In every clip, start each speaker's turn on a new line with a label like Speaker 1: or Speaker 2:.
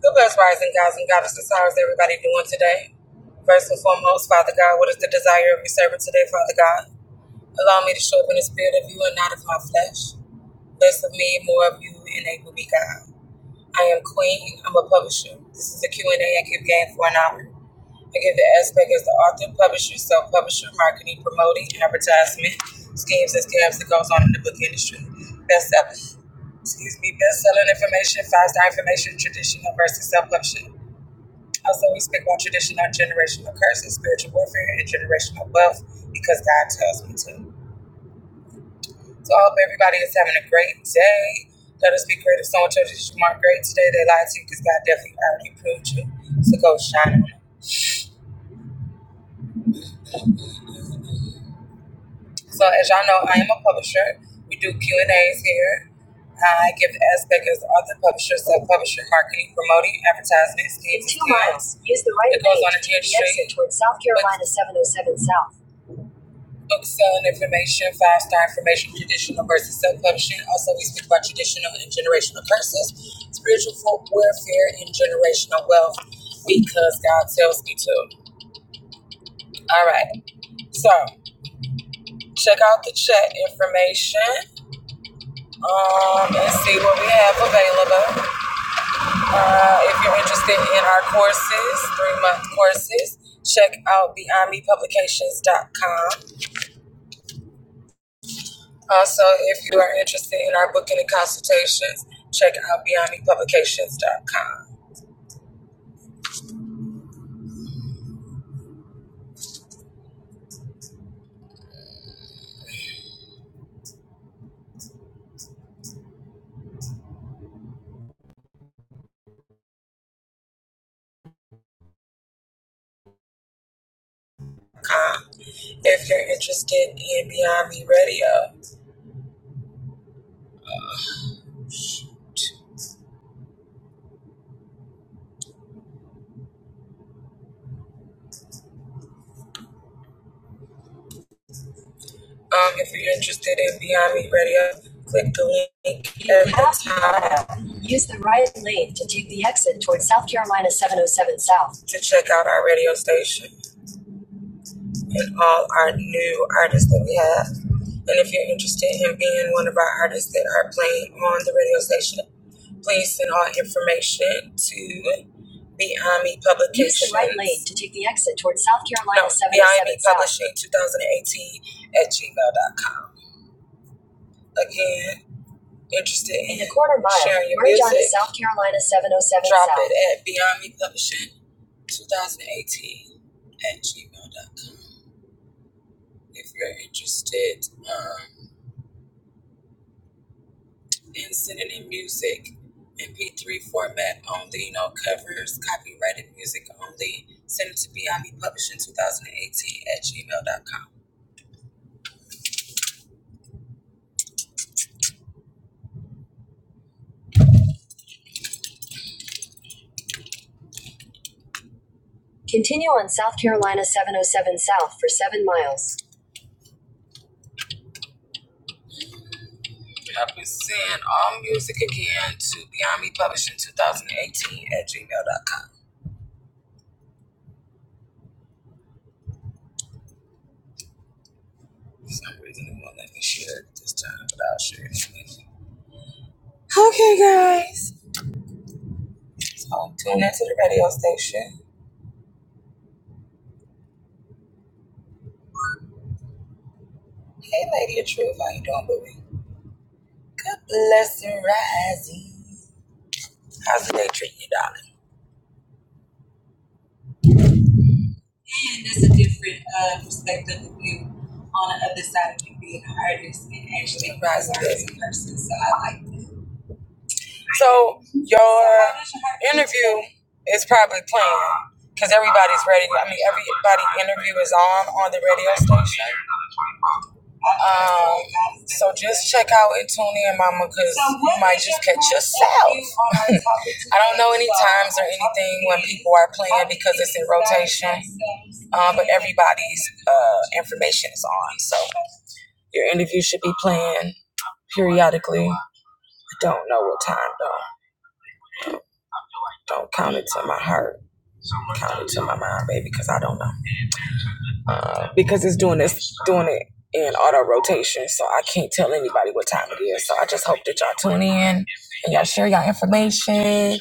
Speaker 1: Good best rising gods and goddesses. How is everybody doing today? First and foremost, Father God, what is the desire of your servant today, Father God? Allow me to show up in the spirit of you and not of my flesh. Less of me, more of you, enable me, God. I am queen. I'm a publisher. This is a Q and a I give game for an hour. I give the aspect as the author, publisher, self-publisher, marketing, promoting, advertisement, schemes and scams that goes on in the book industry. Best excuse me, best-selling information, five-star information, traditional versus self-publishing. Also, we speak on traditional generational curses, spiritual warfare, and generational wealth because God tells me to. So I hope everybody is having a great day. Let us be great. If someone told you that you weren't great today, they lied to you because God definitely already proved you. So go shine on it. So as y'all know, I am a publisher. We do Q and A's here. I give aspect as author, publisher, sub-publisher, marketing, promoting, advertisement, schemes, In two miles, use the right it goes on a to huge the exit street. toward South Carolina 707 South. book selling information, five star information, traditional versus self publishing. Also, we speak about traditional and generational curses, spiritual warfare, and generational wealth because God tells me to. All right, so check out the chat information um, and see what we have available. Uh, if you're interested in our courses, three month courses, check out beyondmepublications.com Also, if you are interested in our booking and consultations, check out BeyondMePublications.com. com. If you're interested in Beyond Me Radio, um, if you're interested in Beyond Me Radio, click the link at the top Use the right lane to take the exit towards South Carolina 707 South to check out our radio station. with all our new artists that we have. And if you're interested in being one of our artists that are playing on the radio station, please send all information to Beyond Me Publications. Use the right lane to take the exit towards South Carolina no, Beyond Me seventy-seven South. Publishing 2018 at gmail dot com. Again, interested in, in a quarter mile, sharing your merge onto music, on to South Carolina 707 drop South. it at Beyond Me Publishing 2018 at gmail dot com. if you're interested. Um, and sending in music MP3 format only, no covers, copyrighted music only. Send it to Beyond Me Publishing 2018 at gmail.com. Continue on South Carolina 707 South for seven miles. I've been send all music again to Beyond Me Publishing 2018 at gmail.com. For some reason, it won't let me share it this time, but I'll share it anyway. Okay, guys. So, tune into the radio station. Hey, Lady of Truth, how you doing, boo? Good blessing rising. How's the day treating you, darling? Man, that's a different uh, perspective of you on the other side of you being an artist and actually rising as a person. So I like that. So your So interview is probably playing because everybody's ready. I mean, everybody interview is on on the radio station. Um, so just check out and tune in, Mama, because you might just catch yourself. I don't know any times or anything when people are playing because it's in rotation, um, but everybody's uh, information is on. So your interview should be playing periodically. I don't know what time though. Don't count it to my heart. Count it to my mind, baby, because I don't know. Uh, because it's doing this, doing it in auto rotation, so I can't tell anybody what time it is. So I just hope that y'all tune in and y'all share y'all information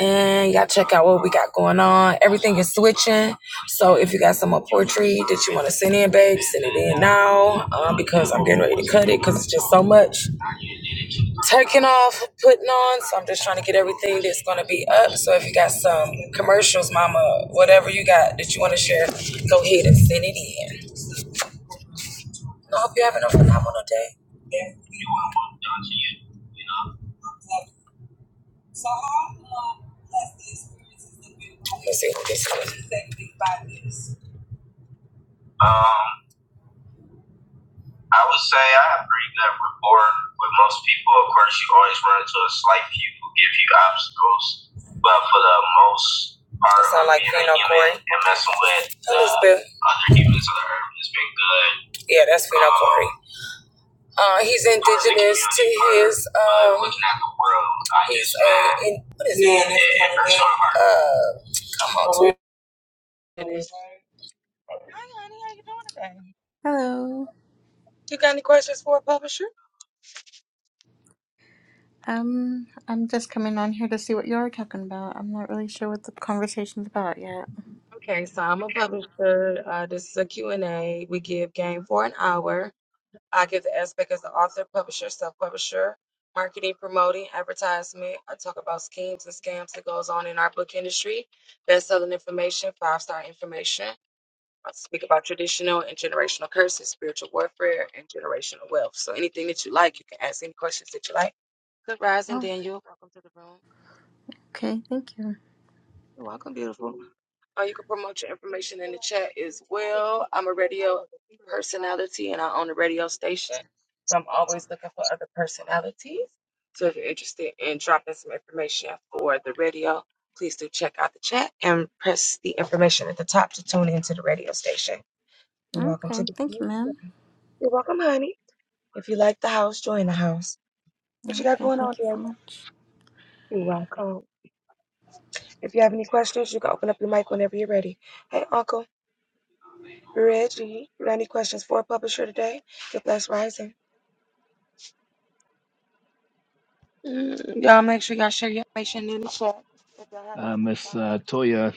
Speaker 1: And y'all check out what we got going on. Everything is switching. So if you got some more poetry that you want to send in, babe, send it in now um, because I'm getting ready to cut it because it's just so much taking off, putting on. So I'm just trying to get everything that's going to be up. So if you got some commercials, mama, whatever you got that you want to share, go ahead and send it in. I hope you're having a phenomenal day. Yeah. So how long has the experience been? Let's see who this is. Um, I would say I have pretty good rapport with most people. Of course, you always run into a slight few who give you obstacles, but for the most part, That sound like being you a human Corey. and messing with Elizabeth. uh, other humans on the earth has been good. Yeah, that's Fino Um, Corey. Uh, he's indigenous to his. Um, looking at the world, I he's a. In, what is it, yeah, it hurts Uh,
Speaker 2: Hello.
Speaker 1: you got any questions for a publisher?
Speaker 2: Um, I'm just coming on here to see what you're talking about. I'm not really sure what the conversation's about yet.
Speaker 1: Okay, so I'm a publisher. Uh, this is a Q and a We give game for an hour. I give the aspect as the author, publisher, self-publisher, marketing, promoting, advertisement. I talk about schemes and scams that goes on in our book industry, best-selling information, five-star information. I speak about traditional and generational curses, spiritual warfare, and generational wealth. So anything that you like, you can ask any questions that you like. Good rising,
Speaker 2: Oh,
Speaker 1: Daniel. Welcome to the room.
Speaker 2: okay. Thank you.
Speaker 1: You're welcome, beautiful. Oh, you can promote your information in the chat as well. I'm a radio personality and I own a radio station. So I'm always looking for other personalities. So if you're interested in dropping some information for the radio, please do check out the chat and press the information at the top to tune into the radio station. You're welcome to
Speaker 2: Okay.
Speaker 1: the
Speaker 2: Thank you, ma'am.
Speaker 1: You're welcome, honey. If you like the house, join the house. What you got
Speaker 2: Okay.
Speaker 1: going on
Speaker 2: Thank you
Speaker 1: there?
Speaker 2: so much.
Speaker 1: You're welcome. If you have any questions, you can open up your mic whenever you're ready. Hey, Uncle. Reggie, you got any questions for a publisher today? Get Blessed Rising. Mm, y'all make sure y'all share.
Speaker 3: Uh, Miss uh, Toya,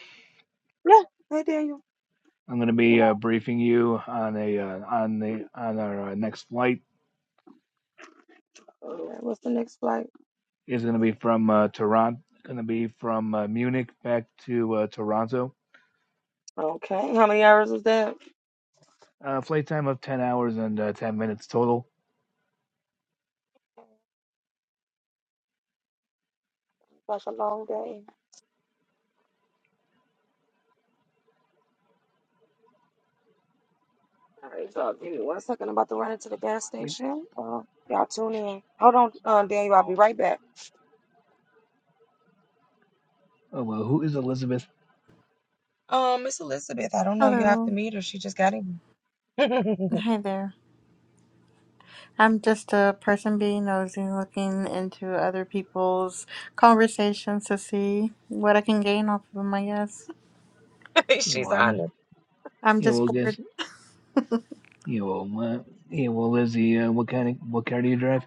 Speaker 3: I'm going to be uh, briefing you on a uh, on the on our uh, next flight. It's going to be from uh, Toronto. Going to be from uh, Munich back to uh, Toronto. Uh, flight time of 10 hours and uh, 10 minutes total. Wait, oh well, who is Elizabeth?
Speaker 2: Hello. Hi there. I'm just a person being nosy, looking into other people's conversations to see what I can gain off of them, I guess.
Speaker 3: You know, I'm.
Speaker 2: I'm
Speaker 3: You know,
Speaker 2: just
Speaker 3: we'll
Speaker 2: bored.
Speaker 3: guess. You know, uh, you know, well, Lizzie, uh, what kind of what car do you drive?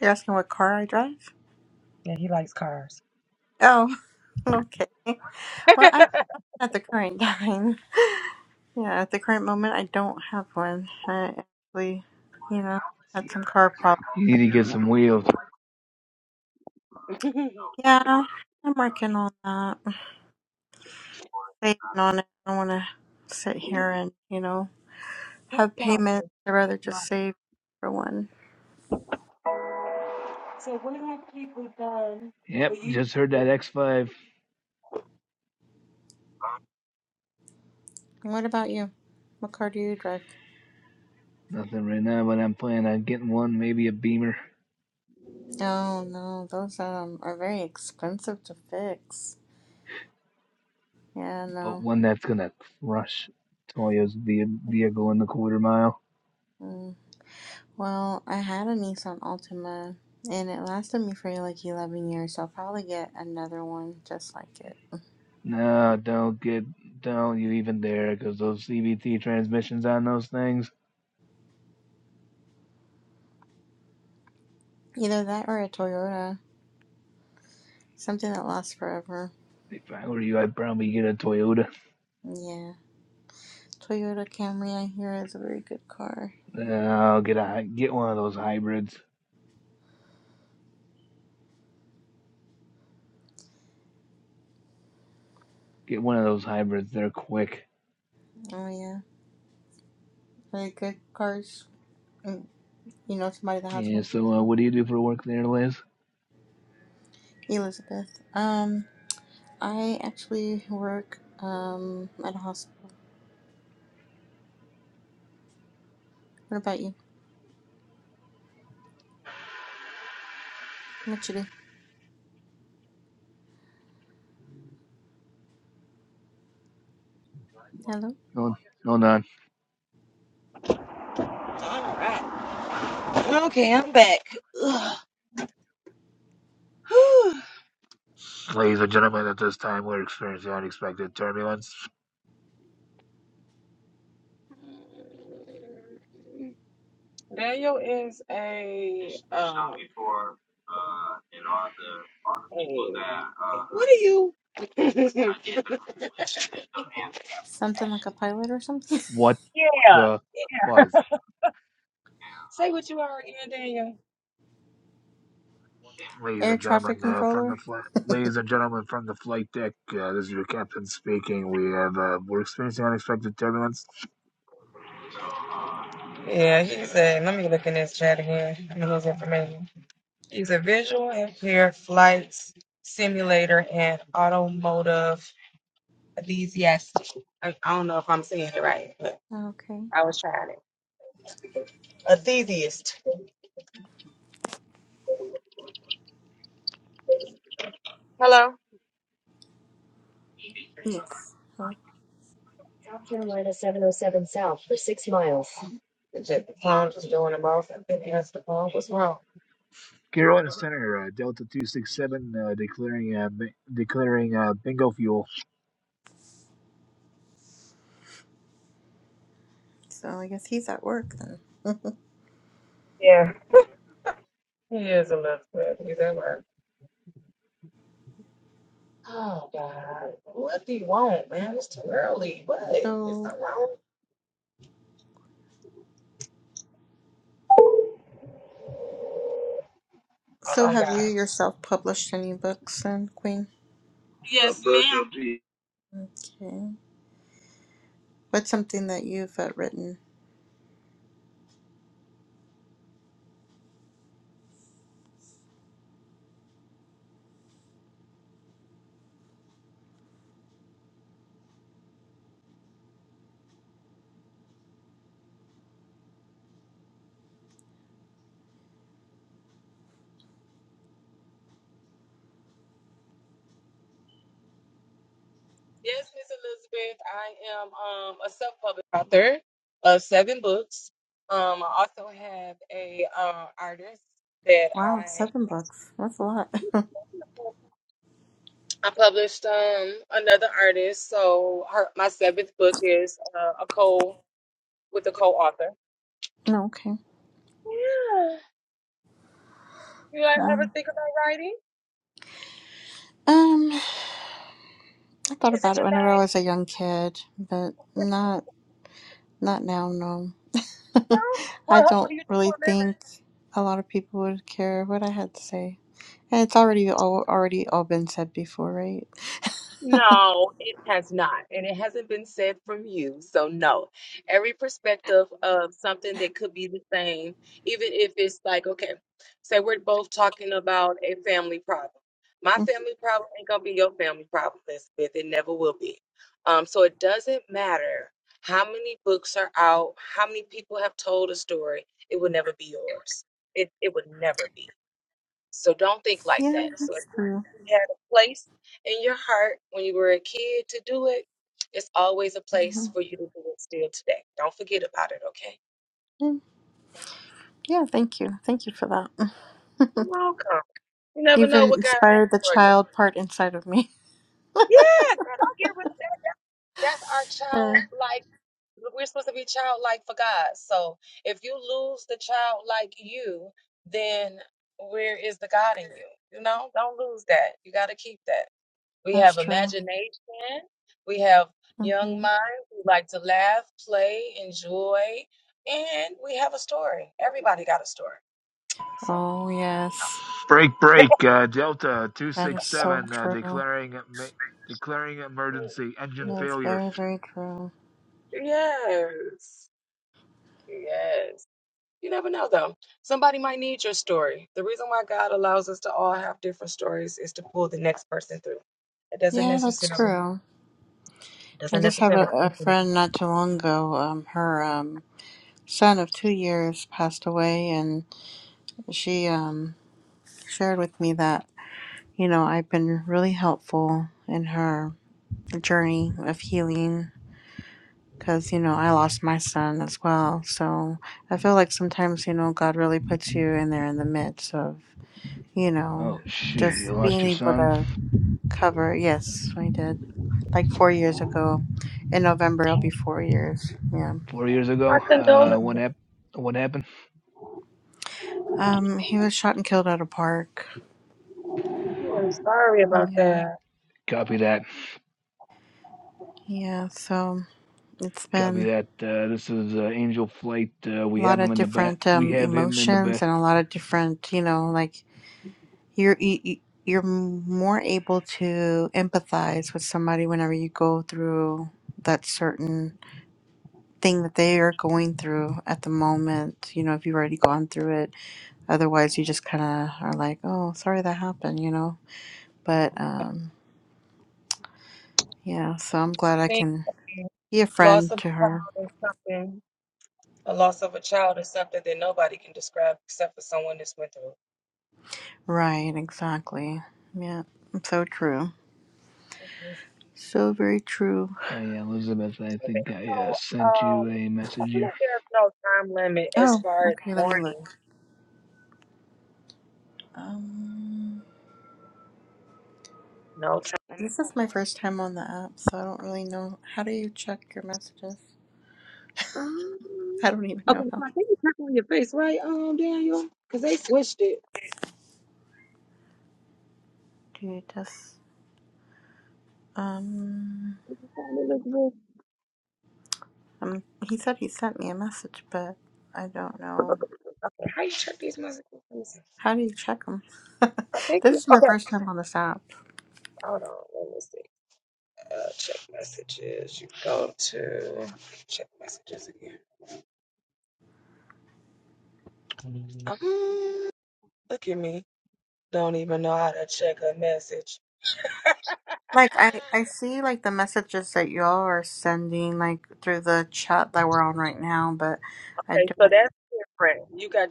Speaker 2: You're asking what car I drive? Oh, okay. Well, I don't at the current time. Yeah, at the current moment, I don't have one. I actually, you know, had some car problems.
Speaker 3: You need to get some wheels.
Speaker 2: Yeah, I'm working on that. Saving on it. I don't want to sit here and, you know, have payments. I'd rather just save for one.
Speaker 3: Yep, just heard that X5.
Speaker 2: And What about you? What car do you drive?
Speaker 3: Nothing right now, but I'm planning on getting one, maybe a Beamer.
Speaker 2: Oh, no, those um are very expensive to fix. Yeah,
Speaker 3: but
Speaker 2: no.
Speaker 3: one that's gonna crush Toyo's ve- vehicle in the quarter mile.
Speaker 2: Mm. Well, I had a Nissan Altima and it lasted me for like 11 years, so I'll probably get another one just like it.
Speaker 3: No, don't get, don't you even dare, because those CVT transmissions on those things.
Speaker 2: Either that or a Toyota. Something that lasts forever.
Speaker 3: If I were you, I'd probably get a Toyota.
Speaker 2: Yeah. Toyota Camry, I hear, is a very good car.
Speaker 3: No, get a hy- get one of those hybrids. Get one of those hybrids. They're quick.
Speaker 2: Oh, yeah. Very good cars. Mm, You know somebody that has
Speaker 3: Yeah.
Speaker 2: one?
Speaker 3: So, uh, what do you do for work there, Liz?
Speaker 2: Elizabeth. Um, I actually work um at a hospital. What about you? What you do? Hello?
Speaker 3: Hold, hold on, ladies and gentlemen. At this time, we're experiencing unexpected turbulence.
Speaker 2: Something like a pilot or something?
Speaker 3: What the buzz? Ladies
Speaker 2: Air
Speaker 3: and
Speaker 2: traffic
Speaker 3: gentlemen, uh, from the
Speaker 2: controller?
Speaker 3: flight, ladies and gentlemen from the flight deck, uh, this is your captain speaking. We have uh, we're experiencing unexpected turbulence.
Speaker 2: Okay. Yes. Huh.
Speaker 3: Carolina Center, uh, Delta two six seven, uh, declaring uh, bi- declaring uh, bingo fuel.
Speaker 2: So I guess he's at work then. So, so have you yourself published any books then, Queen? Okay. What's something that you've uh, written? Wow, seven books. That's a lot. no, okay. Wow. Um, I thought about it whenever I was a young kid, but not not now. No, I don't really think a lot of people would care what I had to say, and it's already all already all been said before, right?
Speaker 1: No, it has not. And it hasn't been said from you. So, no. Every perspective of something that could be the same, even if it's like, okay, say we're both talking about a family problem. My family problem ain't gonna be your family problem, Elizabeth. It never will be. Um, so it doesn't matter how many books are out, how many people have told a story, it will never be yours. It it would never be. So don't think like
Speaker 2: yeah,
Speaker 1: that. So if
Speaker 2: that's true.
Speaker 1: you had a place in your heart when you were a kid to do it, it's always a place for you to do it still today. Don't forget about it, okay?
Speaker 2: Mm, Yeah, thank you, thank you for that.
Speaker 1: You're welcome. You never
Speaker 2: You've
Speaker 1: know what God has
Speaker 2: inspired the
Speaker 1: for you.
Speaker 2: child part inside of me.
Speaker 1: Yeah, girl, don't get rid That's our
Speaker 2: Yeah,
Speaker 1: childlike. We're supposed to be childlike for God. So if you lose the childlike you, then where is the God in you? You know, don't lose that. You got to keep that. We
Speaker 2: that's
Speaker 1: have
Speaker 2: true.
Speaker 1: imagination. We have young
Speaker 2: hmm
Speaker 1: minds who like to laugh, play, enjoy, and we have a story. Everybody got a story. So
Speaker 2: Oh, yes.
Speaker 3: Break, break. Uh, Delta two
Speaker 2: That is
Speaker 3: six
Speaker 2: so
Speaker 3: seven, uh,
Speaker 2: true.
Speaker 3: declaring ma- declaring emergency engine
Speaker 2: That's
Speaker 3: failure.
Speaker 2: very, very true.
Speaker 1: yes, yes. You never know Somebody.
Speaker 2: Yeah, that's true. I just had a, a friend not too long ago. Um, her um, son of two years passed away, and she um, shared with me that, you know, I've been really helpful in her journey of healing because, you know, I lost my son as well. So I feel like sometimes, you know, God really puts you in there in the midst of, you know,
Speaker 3: Oh shoot!
Speaker 2: just
Speaker 3: You
Speaker 2: being
Speaker 3: lost your
Speaker 2: able
Speaker 3: son
Speaker 2: to cover. Yes, we did. Like four years ago. In November, it'll be four years. Yeah.
Speaker 3: four years ago. Uh, what
Speaker 2: hmm
Speaker 3: hap- What happened?
Speaker 2: Um, he was shot and killed at a park. Yeah.
Speaker 3: Copy that.
Speaker 2: Yeah. So it's
Speaker 3: Copy
Speaker 2: been
Speaker 3: that. Uh, this is uh, Angel Flight. Uh,
Speaker 2: a
Speaker 3: we
Speaker 2: lot
Speaker 3: have him
Speaker 2: of
Speaker 3: in the back.
Speaker 2: different
Speaker 3: We
Speaker 2: um,
Speaker 3: have him in the
Speaker 2: emotions
Speaker 3: back.
Speaker 2: and a lot of different, you know, like you're you, you- you're more able to empathize with somebody whenever you go through that certain thing that they are going through at the moment. You know, if you've already gone through it Otherwise, you just kind of are like, oh, sorry that happened, you know? But um, yeah, so I'm glad I can be a friend to her. Right, exactly. Yeah, so true. So very true.
Speaker 3: Hey, Elizabeth, I think I uh, sent you a message here.
Speaker 2: Oh, okay, let me look. Um, this is my first time on the app, so I don't really know. How do you check your messages? I don't even know how. Do you just, um, um, he said he sent me a message, but I don't know. How do you check them? this is my first time on this app.
Speaker 1: Hmm, Look at me. Don't even know how to check a message.
Speaker 2: Like I, I see like the messages that y'all are sending like through the chat that we're on right now, but I
Speaker 1: Okay, so
Speaker 2: don't.
Speaker 1: that's right. You got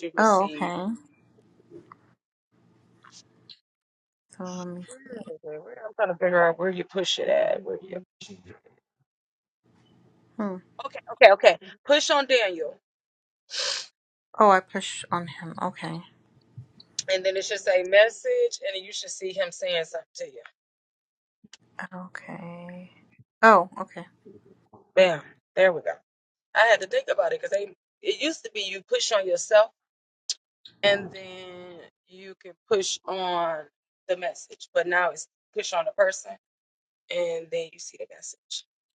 Speaker 1: to
Speaker 2: Oh,
Speaker 1: receive.
Speaker 2: okay. So let me see. Hmm.
Speaker 1: Okay, okay, okay. Push on Daniel,
Speaker 2: Oh, I pushed on him. Okay.
Speaker 1: and then it should say message, and you should see him saying something to you.
Speaker 2: Okay. Oh, okay.
Speaker 1: Bam. There we go. I had to think about it because they. It used to be you push on yourself, and then you can push on the message, but now it's push on the person, and then you see the message.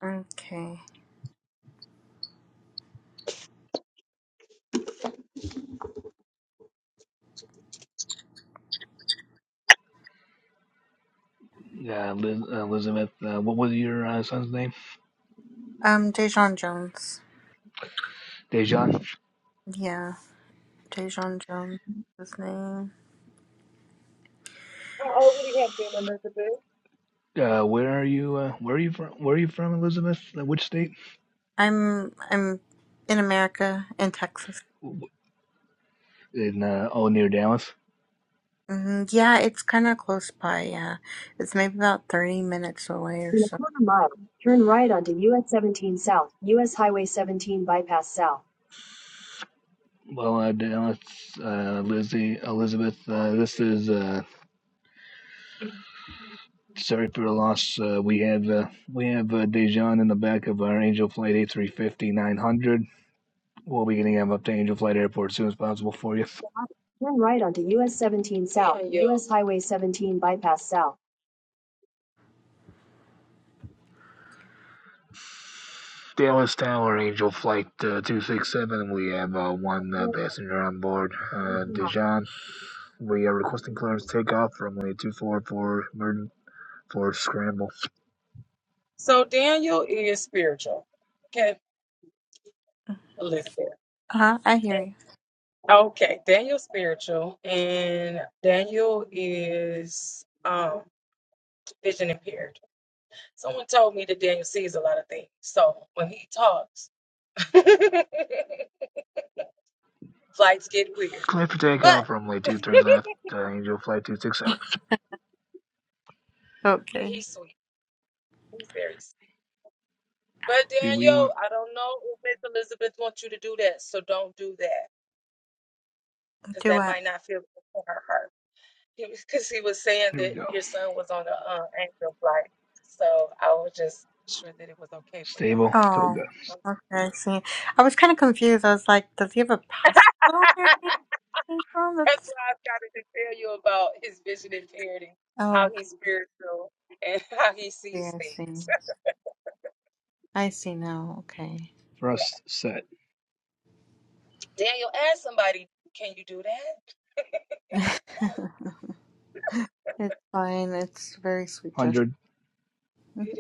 Speaker 2: Okay.
Speaker 3: Uh, Liz- Elizabeth, uh, what was your uh, son's name?
Speaker 2: Um, Dejon Jones.
Speaker 3: Dejan.
Speaker 2: Yeah, Dejon Jones. His name.
Speaker 3: Uh, where are you? Uh, where are you from? Where are you from, Elizabeth? Uh, which state?
Speaker 2: I'm I'm in America in Texas.
Speaker 3: In uh, oh, near Dallas.
Speaker 2: Mhm, Yeah, it's kind of close by. Yeah, it's maybe about 30 minutes away or
Speaker 1: In a
Speaker 2: so.
Speaker 1: quarter mile, turn right onto US 17 South, US Highway 17 bypass south.
Speaker 3: Well, uh, Dallas, uh, Lizzie, Elizabeth. Uh, this is uh, sorry for the loss. Uh, we have uh, we have uh, Dejan in the back of our Angel Flight a three fifty nine hundred. We'll be getting him up to Angel Flight Airport as soon as possible for you.
Speaker 1: Turn right onto US 17 South, Damn, yo. US Highway 17 bypass south.
Speaker 3: Dallas Tower, Angel Flight uh, 267. We have uh, one uh, passenger on board, uh, Dijon. We are requesting clearance to take off from runway 24 for emergency for scramble.
Speaker 2: Uh-huh, I hear you.
Speaker 1: Pause. Flights get weird.
Speaker 3: Clear for takeoff
Speaker 1: But
Speaker 3: from runway two Three left, uh, Angel Flight 267.
Speaker 1: but
Speaker 2: Okay.
Speaker 1: he's sweet. He's very sweet. But
Speaker 3: Do we
Speaker 1: Daniel,
Speaker 3: want?
Speaker 1: I don't know if Miss Elizabeth wants you to do that, so don't do that because
Speaker 2: Do
Speaker 1: that
Speaker 2: what?
Speaker 1: might not feel good for her heart. Because he was saying
Speaker 3: Here we
Speaker 1: that
Speaker 3: go.
Speaker 1: your son was on a uh, angel flight, so I was just sure that it was okay for your
Speaker 3: Stable,
Speaker 1: heart.
Speaker 2: Oh,
Speaker 3: toga,
Speaker 2: okay. I See, I was kind of confused. I was like, does he have a passport or anything? Oh,
Speaker 1: That's
Speaker 2: that's-
Speaker 1: why I started to tell you about his vision impaired how
Speaker 2: oh,
Speaker 1: he's spiritual and how he
Speaker 2: okay,
Speaker 1: sees
Speaker 2: I
Speaker 1: things.
Speaker 2: see. I see now. Okay.
Speaker 3: thrust set,
Speaker 1: Daniel, ask somebody, can you do that?
Speaker 2: It's fine. It's a very sweet gesture.
Speaker 3: 100,
Speaker 2: Mhm.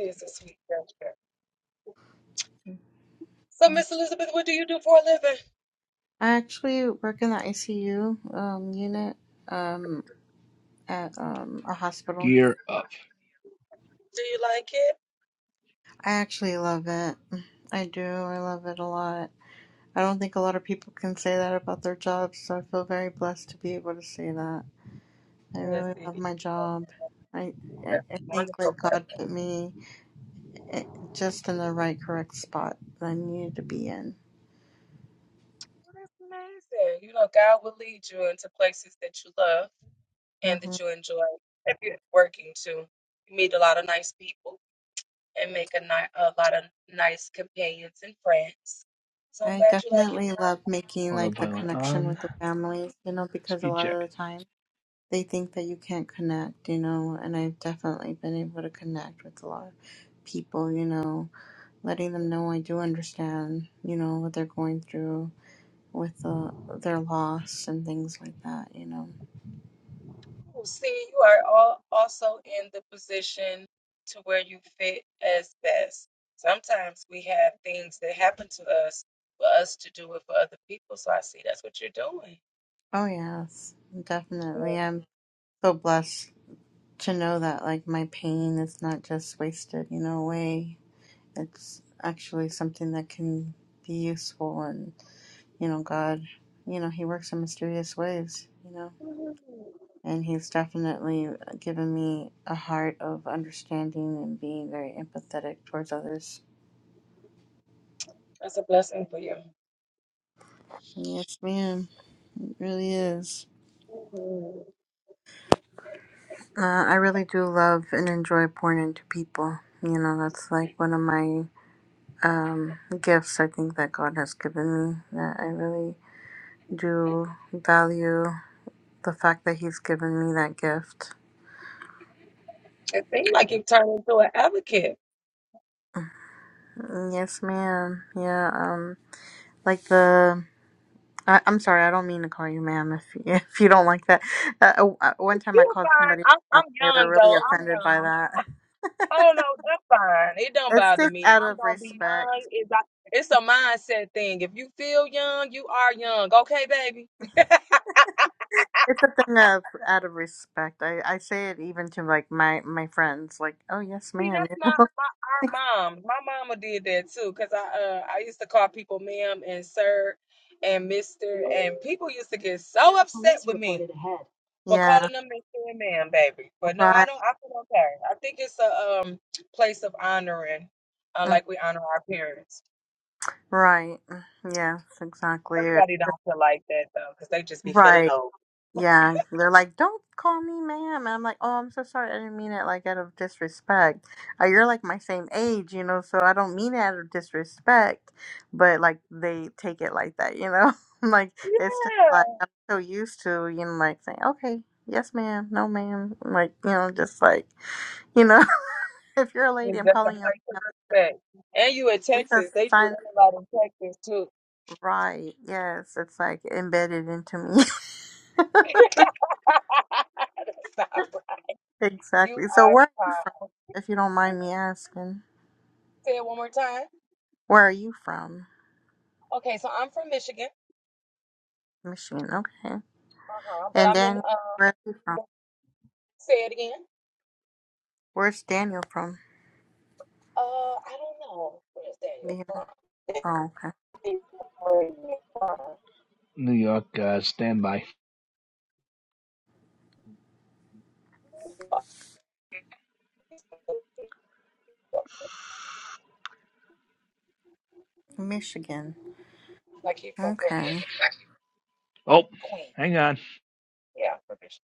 Speaker 2: Yeah. I actually work in the ICU um unit um at um a hospital.
Speaker 3: gear up.
Speaker 2: I actually love it. I do. I love it a lot. I don't think a lot of people can say that about their jobs, so I feel very blessed to be able to say that. I
Speaker 1: Yes,
Speaker 2: really
Speaker 1: it
Speaker 2: love
Speaker 1: is.
Speaker 2: my job. I I,
Speaker 1: That's
Speaker 2: I think
Speaker 1: wonderful.
Speaker 2: like God put me i- just in the right correct spot that I needed to be in.
Speaker 1: Well, that's amazing. You know, God will lead you into places that you love and
Speaker 2: hmm
Speaker 1: that you enjoy. If you're working too, you meet a lot of nice people and make a, ni- a lot of nice companions and friends. So I'm
Speaker 2: I
Speaker 1: glad you like it.
Speaker 2: definitely love making like the
Speaker 3: Autopilot
Speaker 2: connection
Speaker 3: on,
Speaker 2: with the families, you know, because a
Speaker 3: speed
Speaker 2: lot
Speaker 3: check.
Speaker 2: of the time they think that you can't connect, you know, and I've definitely been able to connect with a lot of people, you know letting them know I do understand, you know, what they're going through with the, their loss and things like that, you know.
Speaker 1: Oh, see, you are all also in the position to where you fit as best. Sometimes we have things that happen to us for us to do it for other people. So I see that's what you're doing.
Speaker 2: Oh, yes, definitely. I'm so blessed to know that, like, my pain is not just wasted, you know, away. It's actually something that can be useful. And, you know, God, you know, He works in mysterious ways, you know. And He's definitely given me a heart of understanding and being very empathetic towards others. Yes, ma'am. really is. Uh, I really do love and enjoy pouring into people. You know, that's like one of my um, gifts I think that God has given me. That I really do value the fact that He's given me that gift. Mm, Yes, ma'am. Yeah. Um, like the. I, I'm sorry, I don't mean to call you ma'am if if you don't like that. Uh, oh, uh, one time I called somebody ma'am. They were really offended by that. It's just out of respect. It's a thing of out of respect. I, I say it even to like my my friends, like, "Oh yes, ma'am." you know? yeah, right, mm, right. mm, Yes, exactly. Right. Yeah, they're like, don't call me ma'am. And I'm like, oh, I'm so sorry. I didn't mean it like out of disrespect. Uh, you're like my same age, you know, so I don't mean it out of disrespect, but like they take it like that, you know? I'm like it's just like I'm so used to, you know, like saying, okay, yes, ma'am, no, ma'am. Like, you know, just like, you know, if you're a lady, I'm calling you ma'am. It's a sign. Right. Yes. It's like embedded into me.
Speaker 1: Stop. You
Speaker 2: Exactly. So
Speaker 1: are
Speaker 2: where are you
Speaker 1: tired.
Speaker 2: from, if you don't
Speaker 1: You
Speaker 2: mind
Speaker 1: can
Speaker 2: me asking?
Speaker 1: say it one more time.
Speaker 2: Where are you from?
Speaker 1: Okay, so I'm from Michigan.
Speaker 2: Michigan, okay.
Speaker 1: Uh huh. But
Speaker 2: And
Speaker 1: I'm in.
Speaker 2: Daniel,
Speaker 1: Uh,
Speaker 2: where are you from?
Speaker 1: say it again.
Speaker 2: Where's Daniel from?
Speaker 1: Uh, I don't know. Where's that
Speaker 2: Do
Speaker 1: you're
Speaker 2: you know?
Speaker 1: from?
Speaker 2: Oh, okay.
Speaker 1: Where you from?
Speaker 3: New York, uh, standby.
Speaker 1: You are-
Speaker 2: Michigan.
Speaker 1: Like he's from Brooklyn
Speaker 2: Okay.
Speaker 1: or something.
Speaker 3: Oh,
Speaker 1: Queen.
Speaker 3: hang on.
Speaker 1: Yeah, I'm from Michigan.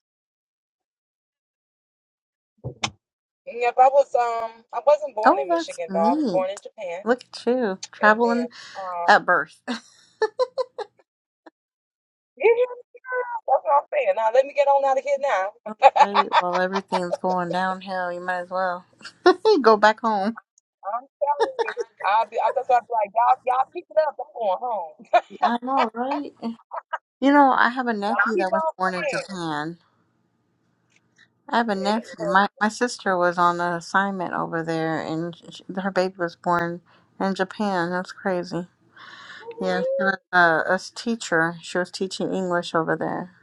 Speaker 1: Yep, I was um I wasn't born
Speaker 2: Oh,
Speaker 1: in
Speaker 2: that's
Speaker 1: Michigan though. I was born in
Speaker 2: neat.
Speaker 1: Japan
Speaker 2: Look at you,
Speaker 1: and then
Speaker 2: traveling
Speaker 1: uh
Speaker 2: at birth.
Speaker 1: yeah, yeah, that's what I'm saying. Now let me get on out of here now.
Speaker 2: All right, well, everything's going downhill. You might as well go back home.
Speaker 1: I'm telling you. I'll be I that's why I'll be like, Y'all y'all keep it up, I'm going home.
Speaker 2: I know, right? You know, I have a
Speaker 1: Y'all
Speaker 2: nephew
Speaker 1: keep
Speaker 2: that was
Speaker 1: on
Speaker 2: born in
Speaker 1: praying.
Speaker 2: Japan. I have a
Speaker 1: Yeah, It's
Speaker 2: nephew.
Speaker 1: because
Speaker 2: My my sister was on an assignment over there, and sh her baby was born in Japan. That's crazy. Yeah, she was a, a s- teacher. She was teaching English over there,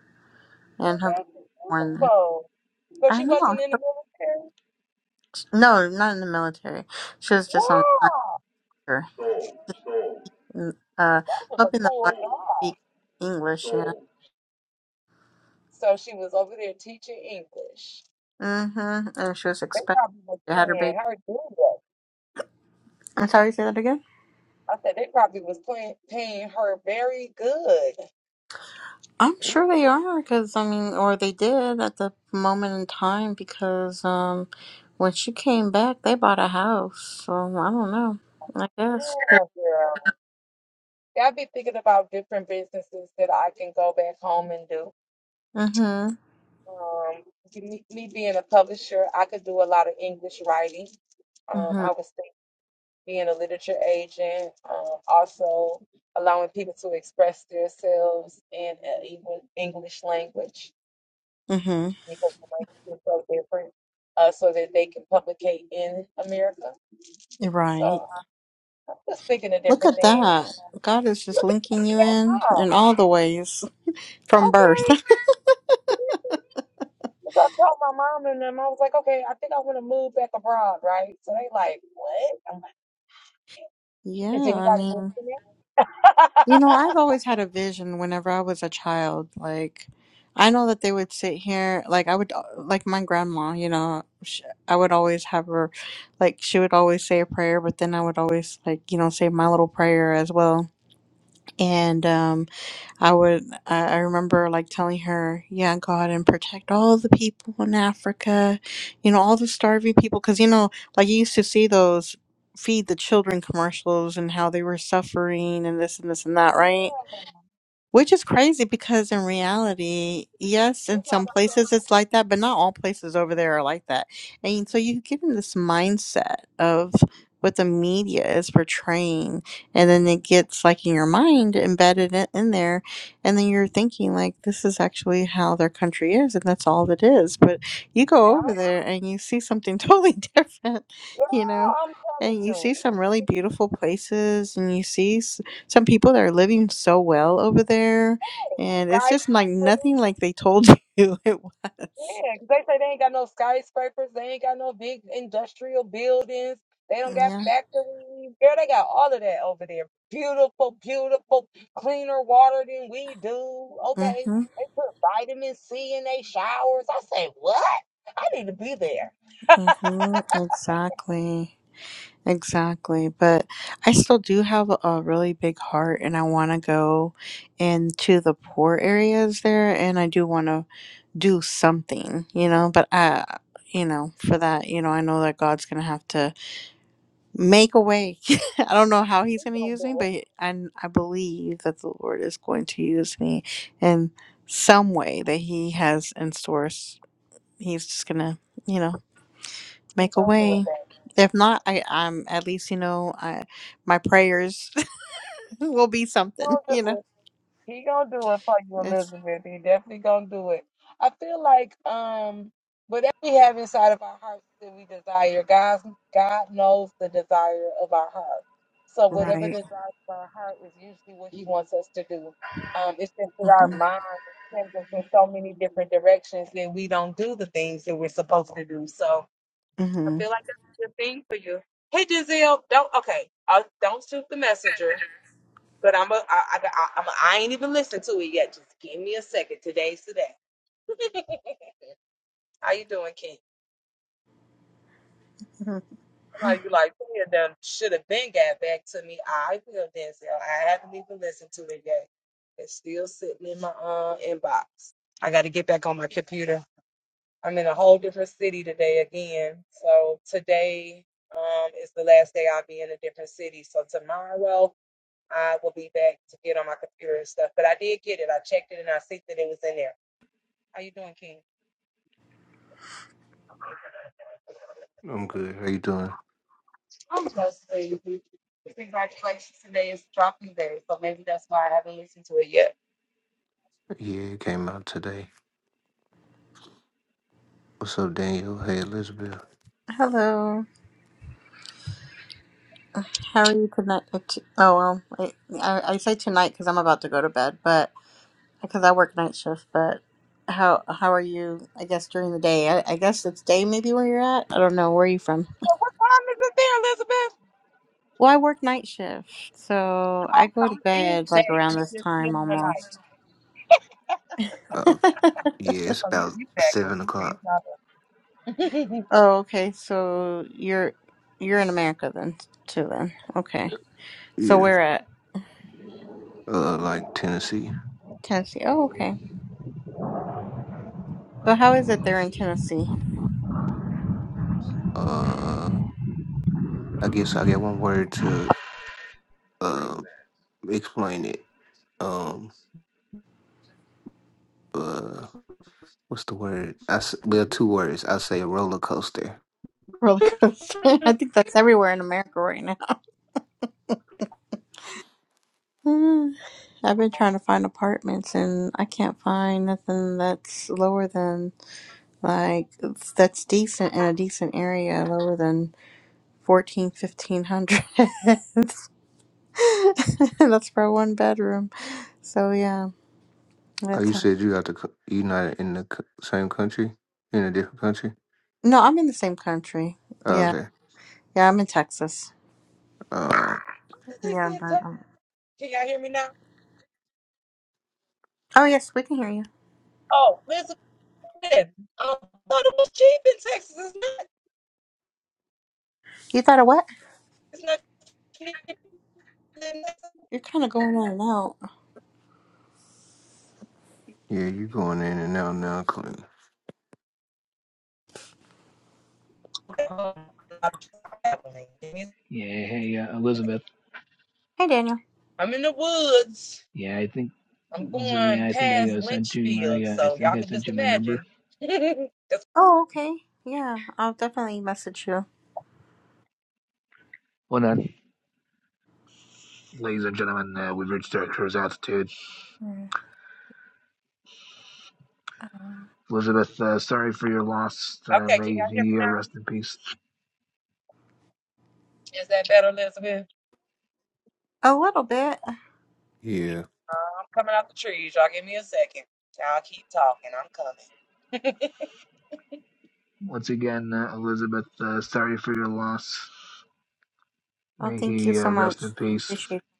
Speaker 1: she was
Speaker 2: and her baby was born there.
Speaker 1: beautiful. So
Speaker 2: I
Speaker 1: she
Speaker 2: know.
Speaker 1: wasn't in the military?
Speaker 2: No, not in the military. She was just on
Speaker 1: Wow.
Speaker 2: assignment,
Speaker 3: Stole, stole,
Speaker 2: mm, uh,
Speaker 1: That was a
Speaker 2: helping the
Speaker 1: poor
Speaker 2: learn
Speaker 3: stole,
Speaker 2: to
Speaker 1: job.
Speaker 2: speak English. Yeah.
Speaker 3: stole.
Speaker 1: So she was over there teaching English.
Speaker 2: Mhm. And she was
Speaker 1: They
Speaker 2: expecting
Speaker 1: probably was
Speaker 2: to had her
Speaker 1: paying
Speaker 2: baby.
Speaker 1: her good.
Speaker 2: I'm sorry. Say that again.
Speaker 1: I said they probably was playing, paying her very good.
Speaker 2: I'm sure they are because I mean, or they did at the moment in time because um, when she came back, they bought a house. So I don't know. I guess.
Speaker 1: Yeah, girl. I've been thinking about different businesses that I can go back home and do.
Speaker 2: Mhm.
Speaker 1: Um, me, me being a publisher, I could do a lot of English writing. Um, I
Speaker 2: Mhm.
Speaker 1: was thinking. being a literature agent, um, also allowing people to express themselves in uh, even English language
Speaker 2: Mhm.
Speaker 1: because the language is so different, uh, so that they can publicate in America.
Speaker 2: You're
Speaker 1: So
Speaker 2: right.
Speaker 1: I'm just thinking of
Speaker 2: Look
Speaker 1: different
Speaker 2: at
Speaker 1: things.
Speaker 2: that. God is just
Speaker 1: Look at
Speaker 2: linking you
Speaker 1: that
Speaker 2: in
Speaker 1: mom.
Speaker 2: in all the ways from birth.
Speaker 1: Okay. So I told my mom and them, I was like, okay, I think I want to move back abroad, right? So they like, what? I'm like, is
Speaker 2: yeah. I
Speaker 1: anybody
Speaker 2: mean.
Speaker 1: listening?
Speaker 2: You know, I've always had a vision whenever I was a child. Like, I know that they would sit here, like, I would, uh, like, my grandma, you know, sh I would always have her, like, she would always say a prayer, but then I would always, like, you know, say my little prayer as well. And um, I would, I, I remember, like, telling her, yeah, God, and protect all the people in Africa, you know, all the starving people. Because, you know, like, you used to see those feed the children commercials and how they were suffering and this and this and that,
Speaker 1: yeah,
Speaker 2: right? Which is crazy because in reality, yes, in
Speaker 1: it's not
Speaker 2: some
Speaker 1: like that
Speaker 2: places it's like that, but not all places over there are like that. And so you get in this mindset of what the media is portraying, and then it gets like in your mind embedded in, in there, and then you're thinking like this is actually how their country is, and that's all it is. But you go
Speaker 1: now.
Speaker 2: over there and you see something totally different,
Speaker 1: Girl,
Speaker 2: you know,
Speaker 1: I'm telling
Speaker 2: and you see
Speaker 1: you.
Speaker 2: some really beautiful places, and you see some people that are living so well over there and it's just like
Speaker 1: Skyscrapers,
Speaker 2: nothing like they told you it was
Speaker 1: yeah, 'cause they say they ain't got no skyscrapers, they ain't got no big industrial buildings, they don't got
Speaker 2: yeah
Speaker 1: factories. Girl, they got all of that over there. Beautiful, beautiful, cleaner water than we do. Okay,
Speaker 2: mm-hmm,
Speaker 1: they put vitamin C in their showers. I say, what? I need to be there.
Speaker 2: mm-hmm, exactly exactly but i still do have a a really big heart and i want to go into the poor areas there and i do want to do something you know but i you know for that you know i know that god's gonna have to make a way. I don't know how he's
Speaker 1: We
Speaker 2: going to
Speaker 1: gonna
Speaker 2: use
Speaker 1: do
Speaker 2: me,
Speaker 1: it.
Speaker 2: but I, I believe that the Lord is going to use me in some way that he has in store. S- He's just going to, you know,
Speaker 1: We
Speaker 2: make a
Speaker 1: gonna do it.
Speaker 2: way.
Speaker 1: babe.
Speaker 2: If not, I, I'm at least, you know, I, my prayers will be something, you know. It's right. Mm-hmm. Mm-hmm.
Speaker 4: I'm good. How you doing? Yeah, it came out today. What's up, Daniel? Hey, Elizabeth.
Speaker 2: Hello. How are you tonight? Oh, well, I, I I say tonight because I'm about to go to bed, but. because I work night shift, but how how are you? I guess during the day. I, I guess it's day maybe where you're at. I don't know. Where are you from?
Speaker 1: So what time is it there, Elizabeth?
Speaker 2: Well, I work night shift, so I
Speaker 1: Oh, so
Speaker 2: go to
Speaker 1: it is
Speaker 2: bed like
Speaker 1: day.
Speaker 2: around
Speaker 1: You
Speaker 2: this
Speaker 1: just
Speaker 2: time
Speaker 1: killing the night.
Speaker 2: almost.
Speaker 4: Uh, okay.
Speaker 2: oh,
Speaker 4: Yeah, it's
Speaker 1: So you
Speaker 4: about
Speaker 1: you backwards.
Speaker 4: seven
Speaker 1: Okay, it's
Speaker 4: o'clock.
Speaker 1: not.
Speaker 2: okay. So you're you're in America then too then. Okay. So
Speaker 4: Yeah.
Speaker 2: we're at
Speaker 4: Uh, like Tennessee.
Speaker 2: Tennessee. Oh, okay. So how is it there in Tennessee?
Speaker 4: Uh, I guess I got one word to uh explain it. Um, uh, what's the word? I s- well, two words. I say roller coaster.
Speaker 2: Roller coaster. I think that's everywhere in America right Uh, I've been trying to find apartments and I can't find nothing that's lower than like that's decent in a decent area lower than fourteen fifteen hundred. that's for a one bedroom. So yeah,
Speaker 4: Oh,
Speaker 2: that's
Speaker 4: you
Speaker 2: how.
Speaker 4: said you got the co- you not in the co- same country, in a different country.
Speaker 2: No, I'm in the same country.
Speaker 4: Oh,
Speaker 2: Yeah,
Speaker 4: okay.
Speaker 2: yeah, I'm in Texas.
Speaker 4: Um,
Speaker 2: Yeah, but um, oh yes, we can hear you. You thought of what? You're kind of going in and out.
Speaker 4: yeah, you going in and out now, Clinton.
Speaker 1: bad. I'm traveling.
Speaker 3: Yeah, hey uh, Elizabeth.
Speaker 2: Hey, Daniel.
Speaker 1: I'm in the woods.
Speaker 3: Yeah, I think.
Speaker 1: I'm
Speaker 3: So yeah,
Speaker 1: going
Speaker 3: I think I
Speaker 1: past
Speaker 3: uh, sent you my.
Speaker 1: Lynchfield,
Speaker 3: Uh, I
Speaker 1: so
Speaker 3: think
Speaker 1: y'all
Speaker 3: I
Speaker 1: can
Speaker 3: sent
Speaker 1: just
Speaker 3: you my number.
Speaker 1: imagine. it's,
Speaker 2: Oh, okay. Yeah, I'll definitely message you.
Speaker 3: Hold on, ladies and gentlemen. Uh, we've reached our cruise altitude.
Speaker 2: Mm.
Speaker 3: Elizabeth, uh, sorry for your loss. Uh, may he uh, rest in peace.
Speaker 2: A little bit.
Speaker 4: Yeah.
Speaker 3: Once again, uh, Elizabeth, uh, sorry for your loss.
Speaker 2: Oh,
Speaker 3: May
Speaker 2: thank you
Speaker 3: he uh,
Speaker 2: so
Speaker 3: rest
Speaker 2: much.
Speaker 3: in peace.
Speaker 2: Appreciate it.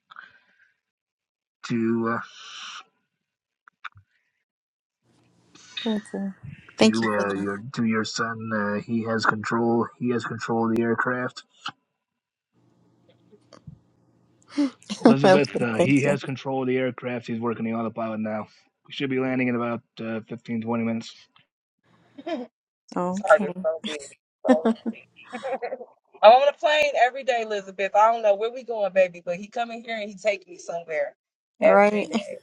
Speaker 3: To uh,
Speaker 2: Thank you. Thank you
Speaker 3: to
Speaker 2: for
Speaker 3: uh, your
Speaker 2: that.
Speaker 3: to your son, uh, he has control. He has control of the aircraft Elizabeth,
Speaker 2: okay,
Speaker 3: uh,
Speaker 2: thank
Speaker 3: he
Speaker 2: you.
Speaker 3: has control of the aircraft. He's working the autopilot now. We should be landing in about uh, 15, twenty minutes.
Speaker 1: it's hard as
Speaker 2: Okay.
Speaker 1: so big. So, I'm on a plane every day, Elizabeth. I don't know where we going, baby, but he coming here and he take me somewhere
Speaker 2: All
Speaker 1: every
Speaker 2: right.
Speaker 1: day.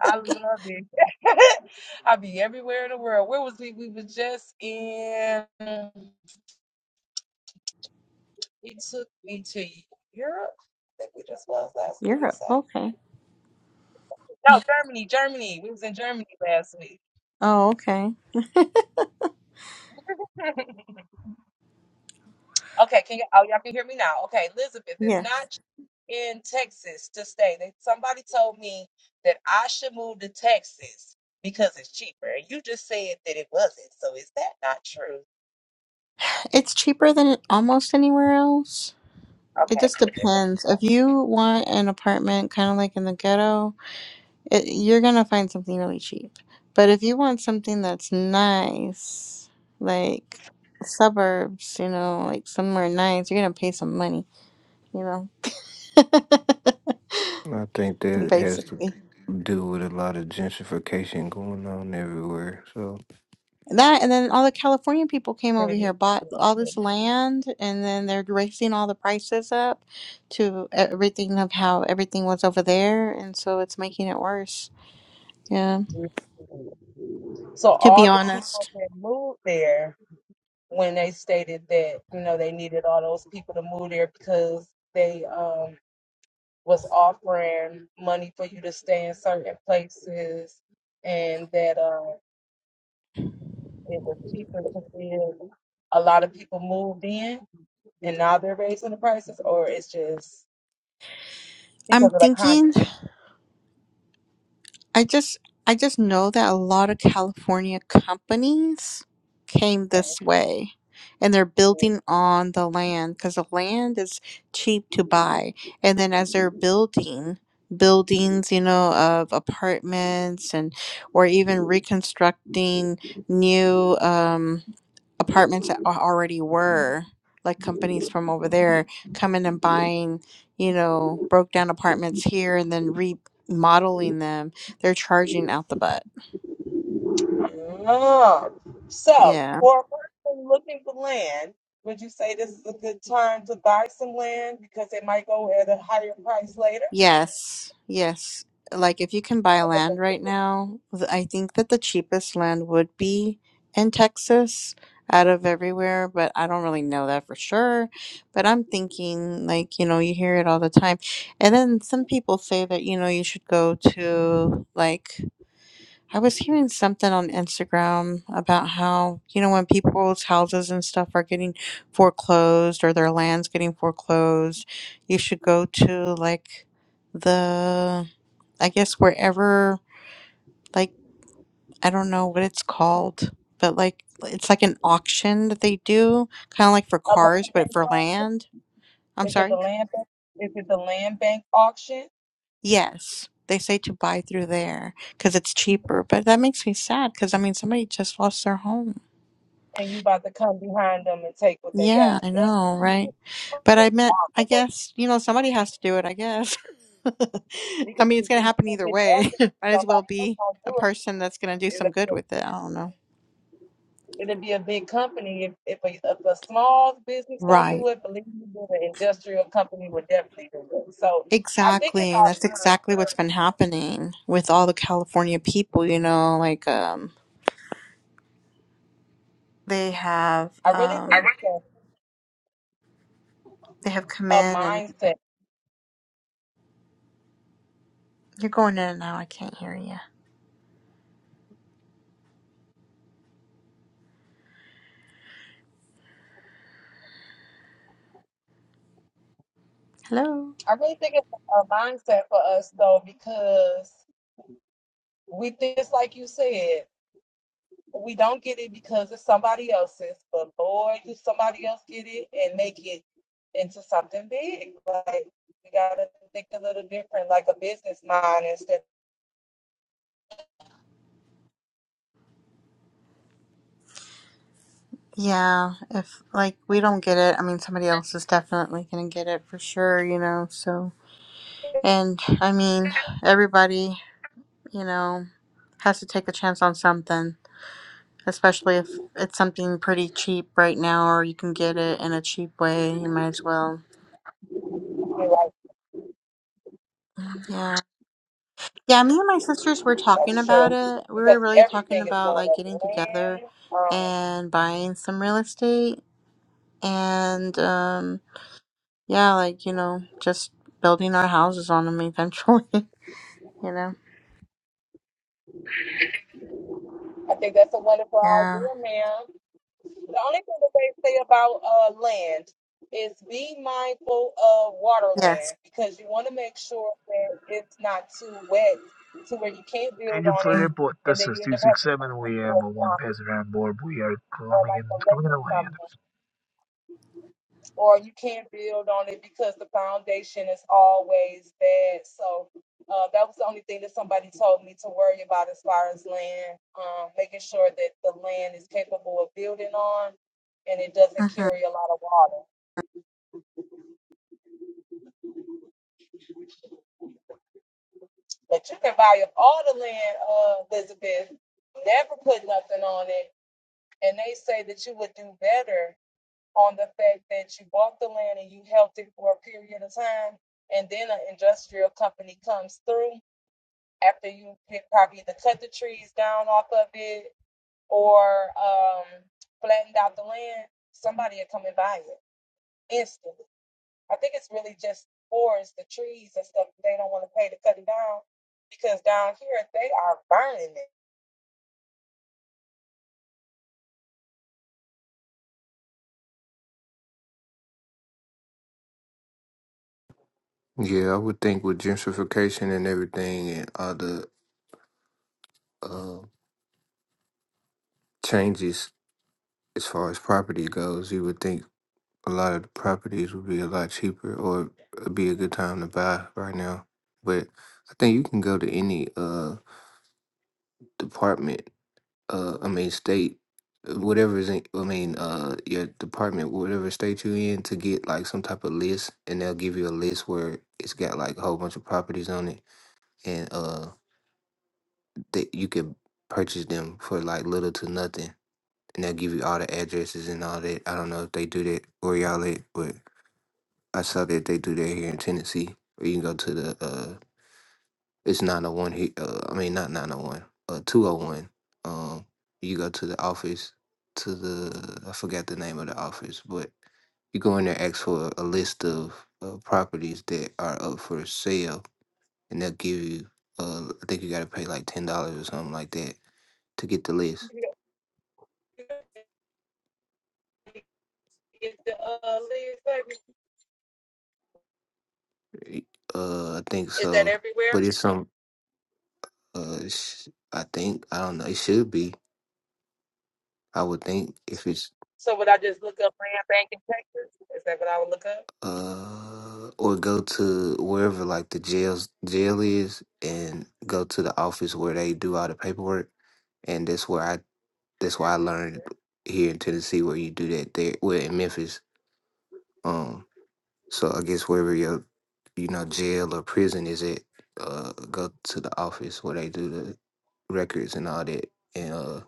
Speaker 1: I love it. I be everywhere in the world. Where was we? We was just in. He took me to Europe. I think we just was last week. He
Speaker 2: Europe.
Speaker 1: said.
Speaker 2: Okay.
Speaker 1: No, Germany, Germany. We was in Germany last week.
Speaker 2: Oh, okay.
Speaker 1: Okay, can you, oh, y'all can hear me now. Okay, Elizabeth, is
Speaker 2: Yes.
Speaker 1: not in Texas to stay. They, somebody told me that I should move to Texas because it's cheaper. And you just said that it wasn't. So is that not true?
Speaker 2: It's cheaper than almost anywhere else. It
Speaker 1: Okay.
Speaker 2: just
Speaker 1: I get what
Speaker 2: depends. If you want an apartment kind of like in the ghetto, it, you're going to find something really cheap. But if you want something that's nice, like suburbs, you know, like somewhere nice, you're going to pay some money, you know.
Speaker 4: I think that has to
Speaker 2: basically.
Speaker 4: do with a lot of gentrification going on everywhere. So
Speaker 2: That and then all the California people came over here, bought all this land, and then they're raising all the prices up to everything of how everything was over there, and so it's making it worse. Yeah,
Speaker 1: you're saying. So
Speaker 2: to
Speaker 1: all
Speaker 2: be
Speaker 1: the people
Speaker 2: honest,
Speaker 1: that moved there when they stated that, you know, they needed all those people to move there because they um was offering money for you to stay in certain places and that um, It was cheaper because it-
Speaker 2: I'm
Speaker 1: because of the constant.
Speaker 2: thinking. I just I just know that a lot of California companies came this way and they're building on the land because the land is cheap to buy. And then as they're building buildings, you know, of apartments and or even reconstructing new um apartments that al- already were like companies from over there coming and buying you know broke down apartments here and then remodeling them they're charging out the butt
Speaker 1: Oh. So,
Speaker 2: yeah
Speaker 1: for a person looking for land, would you say this is a good time to buy some land because it might go at a higher price later?
Speaker 2: Yes, yes. Like if you can buy land right now, th- I think that the cheapest land would be in Texas out of everywhere, but I don't really know that for sure. But I'm thinking, like, you know, you hear it all the time. And then some people say that, you know, you should go to like I was hearing something on Instagram about how, you know, when people's houses and stuff are getting foreclosed or their land's getting foreclosed, you should go to like the, I guess, wherever, like, I don't know what it's called, but like, it's like an auction that they do, kind of like for
Speaker 1: A
Speaker 2: cars,
Speaker 1: land
Speaker 2: but
Speaker 1: bank
Speaker 2: for
Speaker 1: au-
Speaker 2: land. I'm
Speaker 1: Is it the
Speaker 2: sorry?
Speaker 1: land bank? Is it the land bank auction?
Speaker 2: Yes. They say to buy through there because it's cheaper, but that makes me sad because I mean, somebody just lost their home.
Speaker 1: And you about to come behind them and take what they
Speaker 2: Yeah,
Speaker 1: got?
Speaker 2: I
Speaker 1: That's
Speaker 2: know, right?
Speaker 1: so
Speaker 2: But I meant, I
Speaker 1: possible
Speaker 2: guess, you know, somebody has to do it, I guess. I
Speaker 1: because
Speaker 2: mean, it's
Speaker 1: if
Speaker 2: going to
Speaker 1: it,
Speaker 2: happen
Speaker 1: if
Speaker 2: either
Speaker 1: it
Speaker 2: way.
Speaker 1: doesn't,
Speaker 2: Might as well
Speaker 1: somebody else
Speaker 2: be a
Speaker 1: gonna
Speaker 2: person that's going to do
Speaker 1: do
Speaker 2: some good
Speaker 1: it.
Speaker 2: with it. I don't know.
Speaker 1: It'd be a big company if if a, if a small business don't
Speaker 2: Right.
Speaker 1: do it. Believe me, an industrial company would definitely do it. So I think it's
Speaker 2: Exactly. That's exactly what's been happening with all the California people, you know, like um they have
Speaker 1: our mindset. I really
Speaker 2: um I
Speaker 1: think
Speaker 2: re-
Speaker 1: it's a,
Speaker 2: they have come
Speaker 1: a
Speaker 2: in and
Speaker 1: mindset.
Speaker 2: you're going in and out. I can't hear you. Hello.
Speaker 1: I really think it's a mindset for us though because we think it's like you said. We don't get it because it's somebody else's, but Lord, do somebody else get it and make it into something big? Like we gotta think a little different, like a business mind instead.
Speaker 2: Yeah, if like we don't get it, I mean somebody else is definitely gonna get it for sure, you know, so and I mean everybody, you know, has to take a chance on something, especially if it's something pretty cheap right now or you can get it in a cheap way, you might as well.
Speaker 1: of
Speaker 2: Yeah. Yeah, me and my sisters were talking
Speaker 1: That's
Speaker 2: about
Speaker 1: true.
Speaker 2: it. We
Speaker 1: Because
Speaker 2: were really talking
Speaker 1: everything is
Speaker 2: about
Speaker 1: going
Speaker 2: like
Speaker 1: up.
Speaker 2: getting together
Speaker 1: Man, um,
Speaker 2: and buying some real estate and um Yeah, like, you know, just building our houses on them eventually, you know?
Speaker 1: I think that's a wonderful
Speaker 2: Yeah.
Speaker 1: idea, ma'am. The only thing that they say about uh, land is be mindful of water
Speaker 2: Yes.
Speaker 1: land because you want to make sure that it's not too wet to where you can't build
Speaker 3: Danger
Speaker 1: on
Speaker 3: Flight
Speaker 1: it
Speaker 2: Mm,
Speaker 3: Airport,
Speaker 1: and
Speaker 3: this
Speaker 1: then
Speaker 3: is
Speaker 1: you end up having to take
Speaker 3: 267.
Speaker 1: it
Speaker 3: We
Speaker 1: to
Speaker 3: have
Speaker 1: a
Speaker 3: a one
Speaker 1: swamp
Speaker 3: passenger on board. We are
Speaker 1: or
Speaker 3: coming in,
Speaker 1: like a lake
Speaker 3: coming in
Speaker 1: or
Speaker 3: to land.
Speaker 1: something. or you can't build on it because the foundation is always bad. So uh, that was the only thing that somebody told me to worry about as far as land, um, making sure that the land is capable of building on and it doesn't
Speaker 2: Mm-hmm.
Speaker 1: carry a lot of water. But you can buy up all the land, uh, Elizabeth, never put nothing on it. And they say that you would do better on the fact that you bought the land and you held it for a period of time, and then an industrial company comes through after. either cut these down off it or um flattened out the land, somebody will come and buy it. It's, I think it's or they don't want to pay to cut it down. And then
Speaker 4: yeah, I would think with gentrification and everything and all the uh, changes as far as property goes, you would think a lot of the properties would be a lot cheaper or it'd be a good time to buy right now. But I think you can go to any uh department uh I mean state whatever is in I mean uh your department whatever state you in to get like some type of list and they'll give you a list where it's got like a whole bunch of properties on it and uh that you could purchase them for like little to nothing and they'll give you all the addresses and all that. I don't know if they do that or y'all it, but I saw that they do that here in Tennessee. Or you can go to the uh, It's 901 here. Uh, I mean, not 901, uh, 201. Um, you go to the office, to the, I forgot the name of the office, but you go in there, ask for a list of uh, properties that are up for sale, and they'll give you, uh, I think you got to pay like $10 or something like that to get the list. Y- Uh, I think so. But it's some, uh, it's- I think, I don't know, it should be. I would think if it's uh, or go to wherever like the jail's jail is, and go to the office where they do all the paperwork. And that's where I that's why I learned here in Tennessee where you do that there. Well, in Memphis, um, so I guess wherever your you know jail or prison is at, uh, go to the office where they do the records and all that. And uh,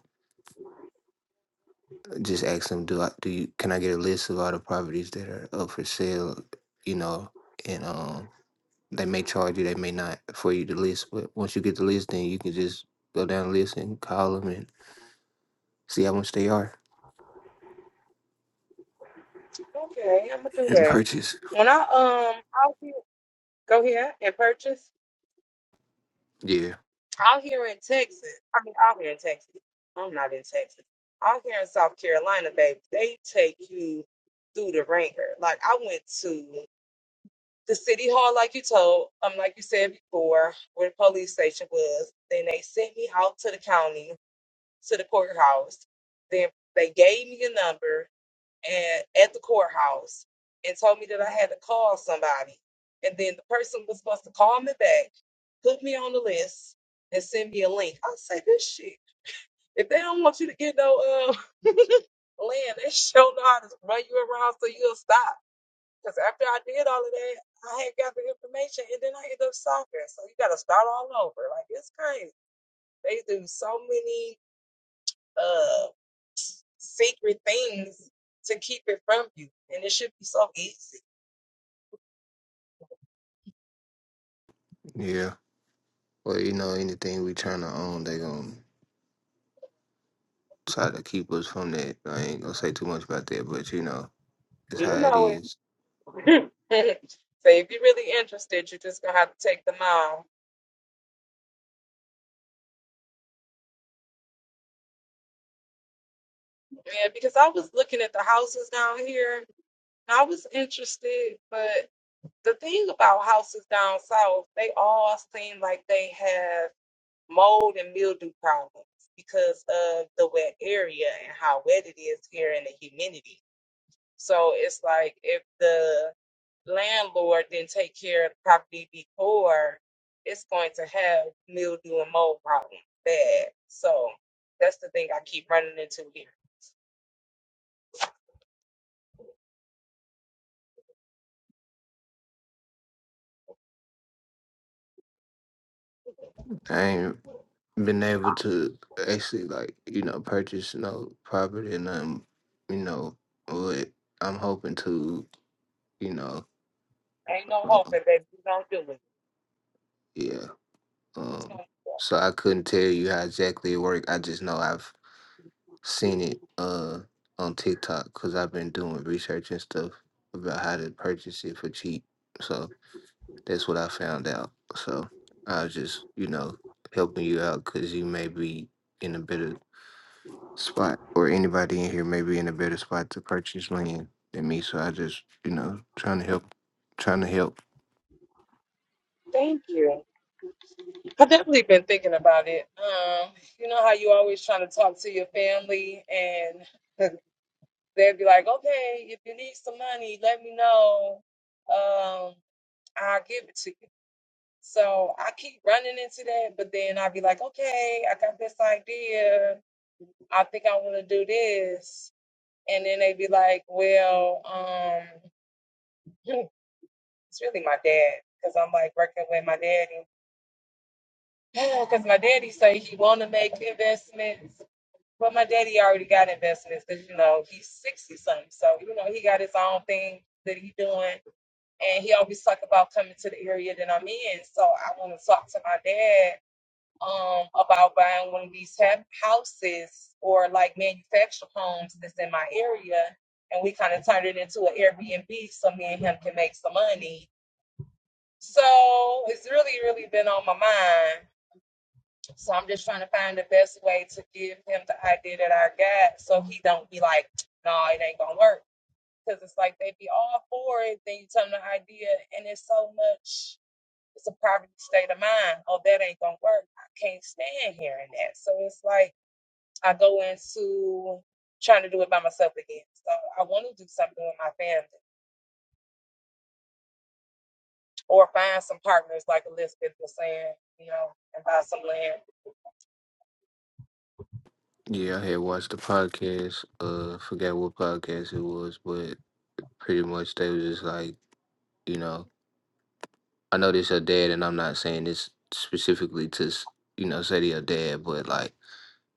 Speaker 4: just ask them, do I do you can I get a list of all the properties that are up for sale, you know, and um They may charge you, they may not for you to list. But once you get the list, then you can just go down the list and call them and see how much they are and purchase. Yeah, yeah. Well, you know, anything we trying to own, they gonna try to keep us from that. I ain't gonna say too much about that, but you know, it's how it is.
Speaker 1: I'm seeing mold and mildew problems because of the wet area and how wet it is here and the humidity. So it's like if
Speaker 4: I ain't been able to actually like you know purchase no property and um you know, but I'm hoping to you know
Speaker 1: there ain't no hope
Speaker 4: um,
Speaker 1: that they don't do it.
Speaker 4: yeah Um, so I couldn't tell you how exactly it worked. I just know I've seen it uh on TikTok because I've been doing research and stuff about how to purchase it for cheap. So that's what I found out. So I was just, you know, helping you out because you may be in a better spot or anybody in here may be in a better spot to purchase land than me. So I just, you know, trying to help, trying to help.
Speaker 1: So I want to talk to my dad um about buying one of these ha- houses or like manufactured homes that's in my area and we kind of turned it into an Airbnb so me and him can make some money. So it's really, really been on my mind. So I'm just trying to find the best way to give him the idea that I got so he don't be like, no, it ain't gonna work. Cause it's like they be all for it, then you tell them the idea and it's so much it's a state of mind. Oh, that ain't gonna I can't stand here. trying about myself. So I wanted to do something with my the list of people saying, you know, and buy some land.
Speaker 4: Yeah, I had watched the podcast. Uh, forgot what podcast it was, but pretty much they was just like, you know, I know this your dad, and I'm not saying this specifically to, s- you know, say to your dad, but like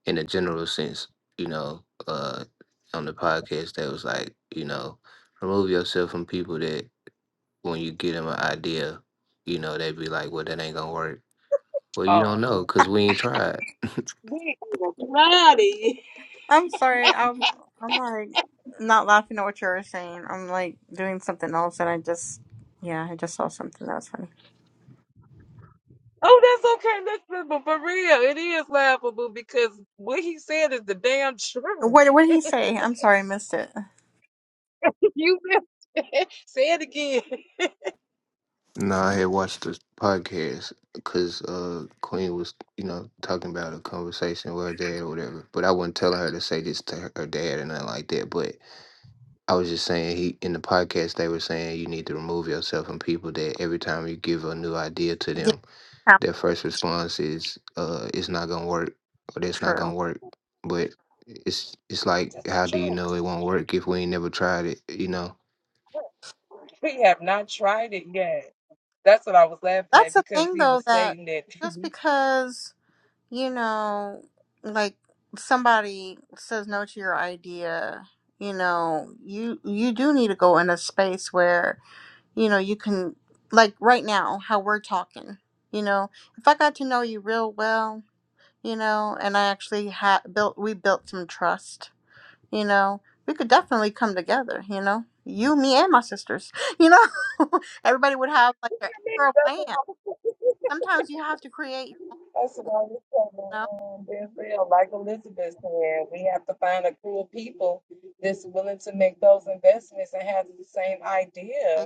Speaker 4: in a general sense, you know, uh, on the podcast, they was like, you know, remove yourself from people that when you give them an idea, you know, they be like, well, that ain't gonna work. Well, you don't know because we ain't tried.
Speaker 1: We are bloody.
Speaker 2: I'm sorry. I'm, I'm like not laughing at what you were saying. I'm like doing something else and I just, yeah, I just saw something that was funny. What, what did he say? I'm sorry, I missed it.
Speaker 4: Nah, I had watched the podcast because uh, Queen was, you know, talking about a conversation with her dad or whatever. But I wasn't telling her to say this to her her dad or nothing like that. But I was just saying he in the podcast they were saying you need to remove yourself from people that every time you give a new idea to them,
Speaker 2: Yeah,
Speaker 4: their first response is, "Uh, it's not gonna work," or "That's not gonna
Speaker 2: true.
Speaker 4: work." But it's it's like, how do you know it won't work if we ain't never tried it? You know.
Speaker 2: That's the thing though, that just because. you know, like somebody says no to your idea, you know, you you do need to go in a space where, you know, you can like right now how we're talking, you know, if I got to know you real well, you know, and I actually had built we built some trust, you know, we could definitely come together, you know. You, me and my sisters, you know, everybody would have like their acre of
Speaker 1: That's what
Speaker 2: land. Sometimes you have to create
Speaker 1: I
Speaker 2: your own,
Speaker 1: was telling
Speaker 2: you
Speaker 1: um, Denzel, like Elizabeth said, we have to find a crew of people that's willing to make those investments and have the same idea.
Speaker 2: know.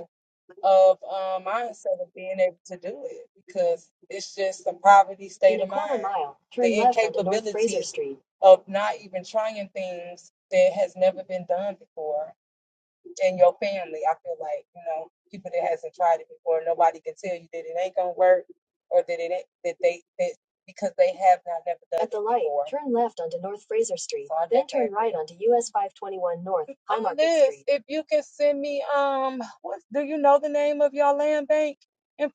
Speaker 1: of um, mindset of being able to do it because it's just a poverty state In a of quarter mind, mile, turn the left onto North incapability Fraser Street. of not even trying things that has never been done before in your family. Turn left onto North Fraser Street. Turn right onto US 521 North High Market this, Street. It, it,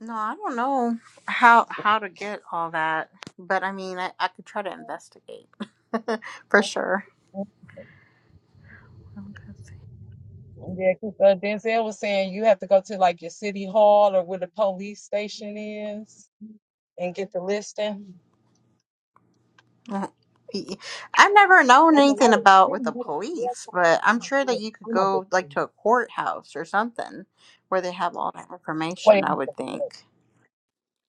Speaker 2: No, I don't know how how to get all that, but I mean, I, I could try to investigate for sure. Mm. I've never known anything about with the police, but I'm sure that you could go like to a courthouse or something where they have all that information,
Speaker 1: Wait
Speaker 2: I
Speaker 1: a
Speaker 2: would think.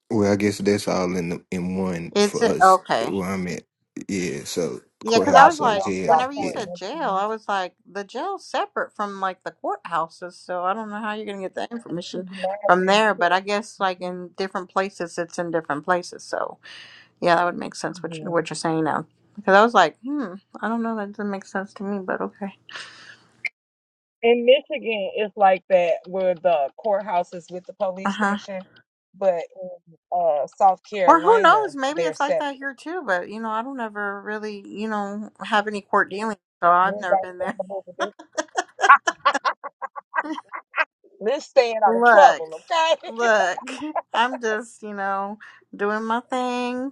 Speaker 4: Well, I guess that's all in the, in one for
Speaker 2: Is it
Speaker 4: us
Speaker 2: okay?
Speaker 4: where I'm at. Yeah, so
Speaker 2: Yeah,
Speaker 1: So
Speaker 2: because I
Speaker 1: y'all
Speaker 2: was
Speaker 4: courthouse
Speaker 1: get
Speaker 4: or
Speaker 2: like,
Speaker 1: off y'all
Speaker 4: jail.
Speaker 2: whenever you
Speaker 4: Yeah.
Speaker 2: said
Speaker 1: point.
Speaker 2: jail,
Speaker 1: man.
Speaker 2: I was like, the jail's separate from like the courthouses, so I don't know how you're gonna get the information from
Speaker 1: laughing
Speaker 2: there. But
Speaker 1: too.
Speaker 2: I guess like in different places, it's in different places. So yeah, that would make sense what you,
Speaker 1: Mhm.
Speaker 2: what you're saying now. Because I was like, hmm, I don't know, that doesn't make sense to me, but okay.
Speaker 1: In Michigan, it's like that where the courthouse is with the
Speaker 2: Uh
Speaker 1: police
Speaker 2: huh.
Speaker 1: station.
Speaker 2: Or who
Speaker 1: Carolina,
Speaker 2: knows? Maybe
Speaker 1: they're
Speaker 2: it's like
Speaker 1: separate.
Speaker 2: that here too. But you know, I don't ever really, you know, have any court dealings, so
Speaker 1: You
Speaker 2: I've
Speaker 1: ain't
Speaker 2: never been
Speaker 1: got
Speaker 2: there.
Speaker 1: trouble over this. Let's stay out of
Speaker 2: Look.
Speaker 1: trouble, okay?
Speaker 2: Look, I'm just, you know, doing my thing,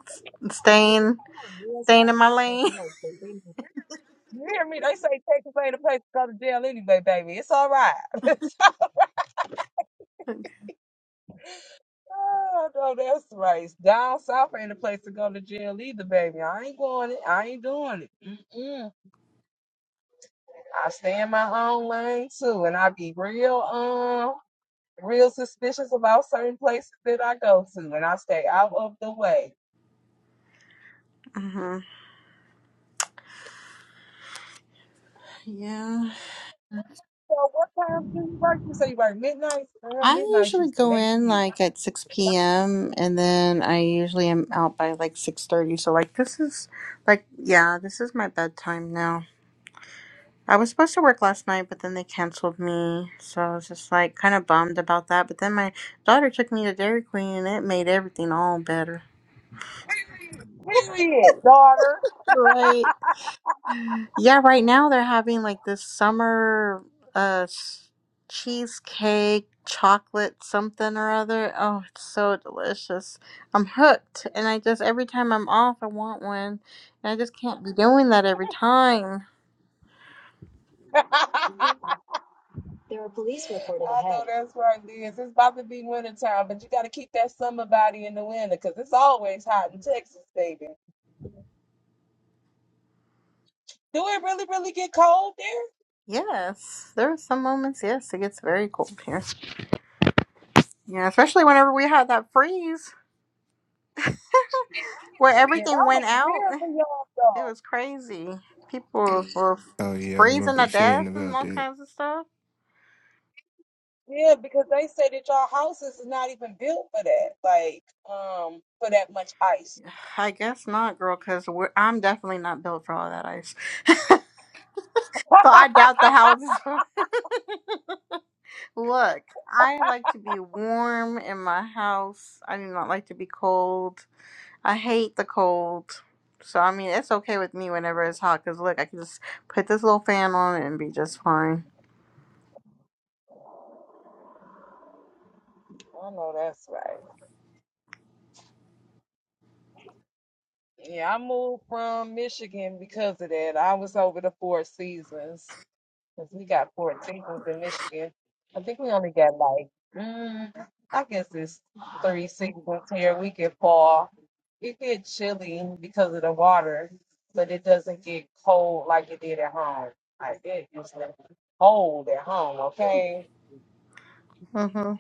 Speaker 2: staying staying in my lane.
Speaker 1: You hear me? They say Texas ain't a place to go to jail anyway, baby. It's all right. oh, no, that's right. Down south ain't a place to go to jail either, baby. I ain't going it. I ain't doing it. Mm-mm. I stay in my own lane too, and I be real, um, real suspicious about certain places that I go to, and I stay out of the way.
Speaker 2: hmm Yeah.
Speaker 1: So what time do you work? You say you work midnight? Girl,
Speaker 2: I
Speaker 1: midnight
Speaker 2: usually
Speaker 1: used to
Speaker 2: go
Speaker 1: make
Speaker 2: in
Speaker 1: me.
Speaker 2: like at 6 p.m. and then I usually am out by like 6:30. So like this is like yeah, this is my bedtime now. I was supposed to work last night, but then they canceled me. So I was just like kind of bummed about that. But then my daughter took me to Dairy Queen and it made everything all better.
Speaker 1: Period, daughter.
Speaker 2: Right. Yeah, right now they're having like this summer uh s- cheesecake, chocolate something or other. Oh, it's so delicious. I'm hooked and I just every time I'm off I want one. And I just can't be doing that every time.
Speaker 1: There are police reported I know ahead. that's right, Liz. It's about to be winter time, but you got to keep that summer body in the winter because it's always hot in Texas, baby. Do it really, really get cold there?
Speaker 2: Yes, there are some moments, yes, it gets very cold here. Yeah, especially whenever we had that freeze where
Speaker 1: Yeah, that
Speaker 2: everything
Speaker 1: was
Speaker 2: went out.
Speaker 1: weird for y'all,
Speaker 2: It was
Speaker 1: though.
Speaker 2: crazy. People were
Speaker 4: Oh yeah, I
Speaker 2: freezing to
Speaker 4: remember
Speaker 2: death
Speaker 4: seeing
Speaker 2: and
Speaker 4: about
Speaker 2: all
Speaker 4: that.
Speaker 2: kinds of stuff.
Speaker 1: Yeah, because they say that y'all houses is not even built for that, like, um, for that much ice.
Speaker 2: I guess not, girl, because I'm definitely not built for all that ice. so I doubt the house. Look, I like to be warm in my house. I do not like to be cold. I hate the cold. So, I mean, it's okay with me whenever it's hot because, look, I can just put this little fan on and be just fine.
Speaker 1: I know that's right. Mission. I think we Mm, I guess it's 360 here. We get fall. It get chilly because of the water, but it doesn't get cold like it did at Like it get cold at home, okay?
Speaker 2: hmm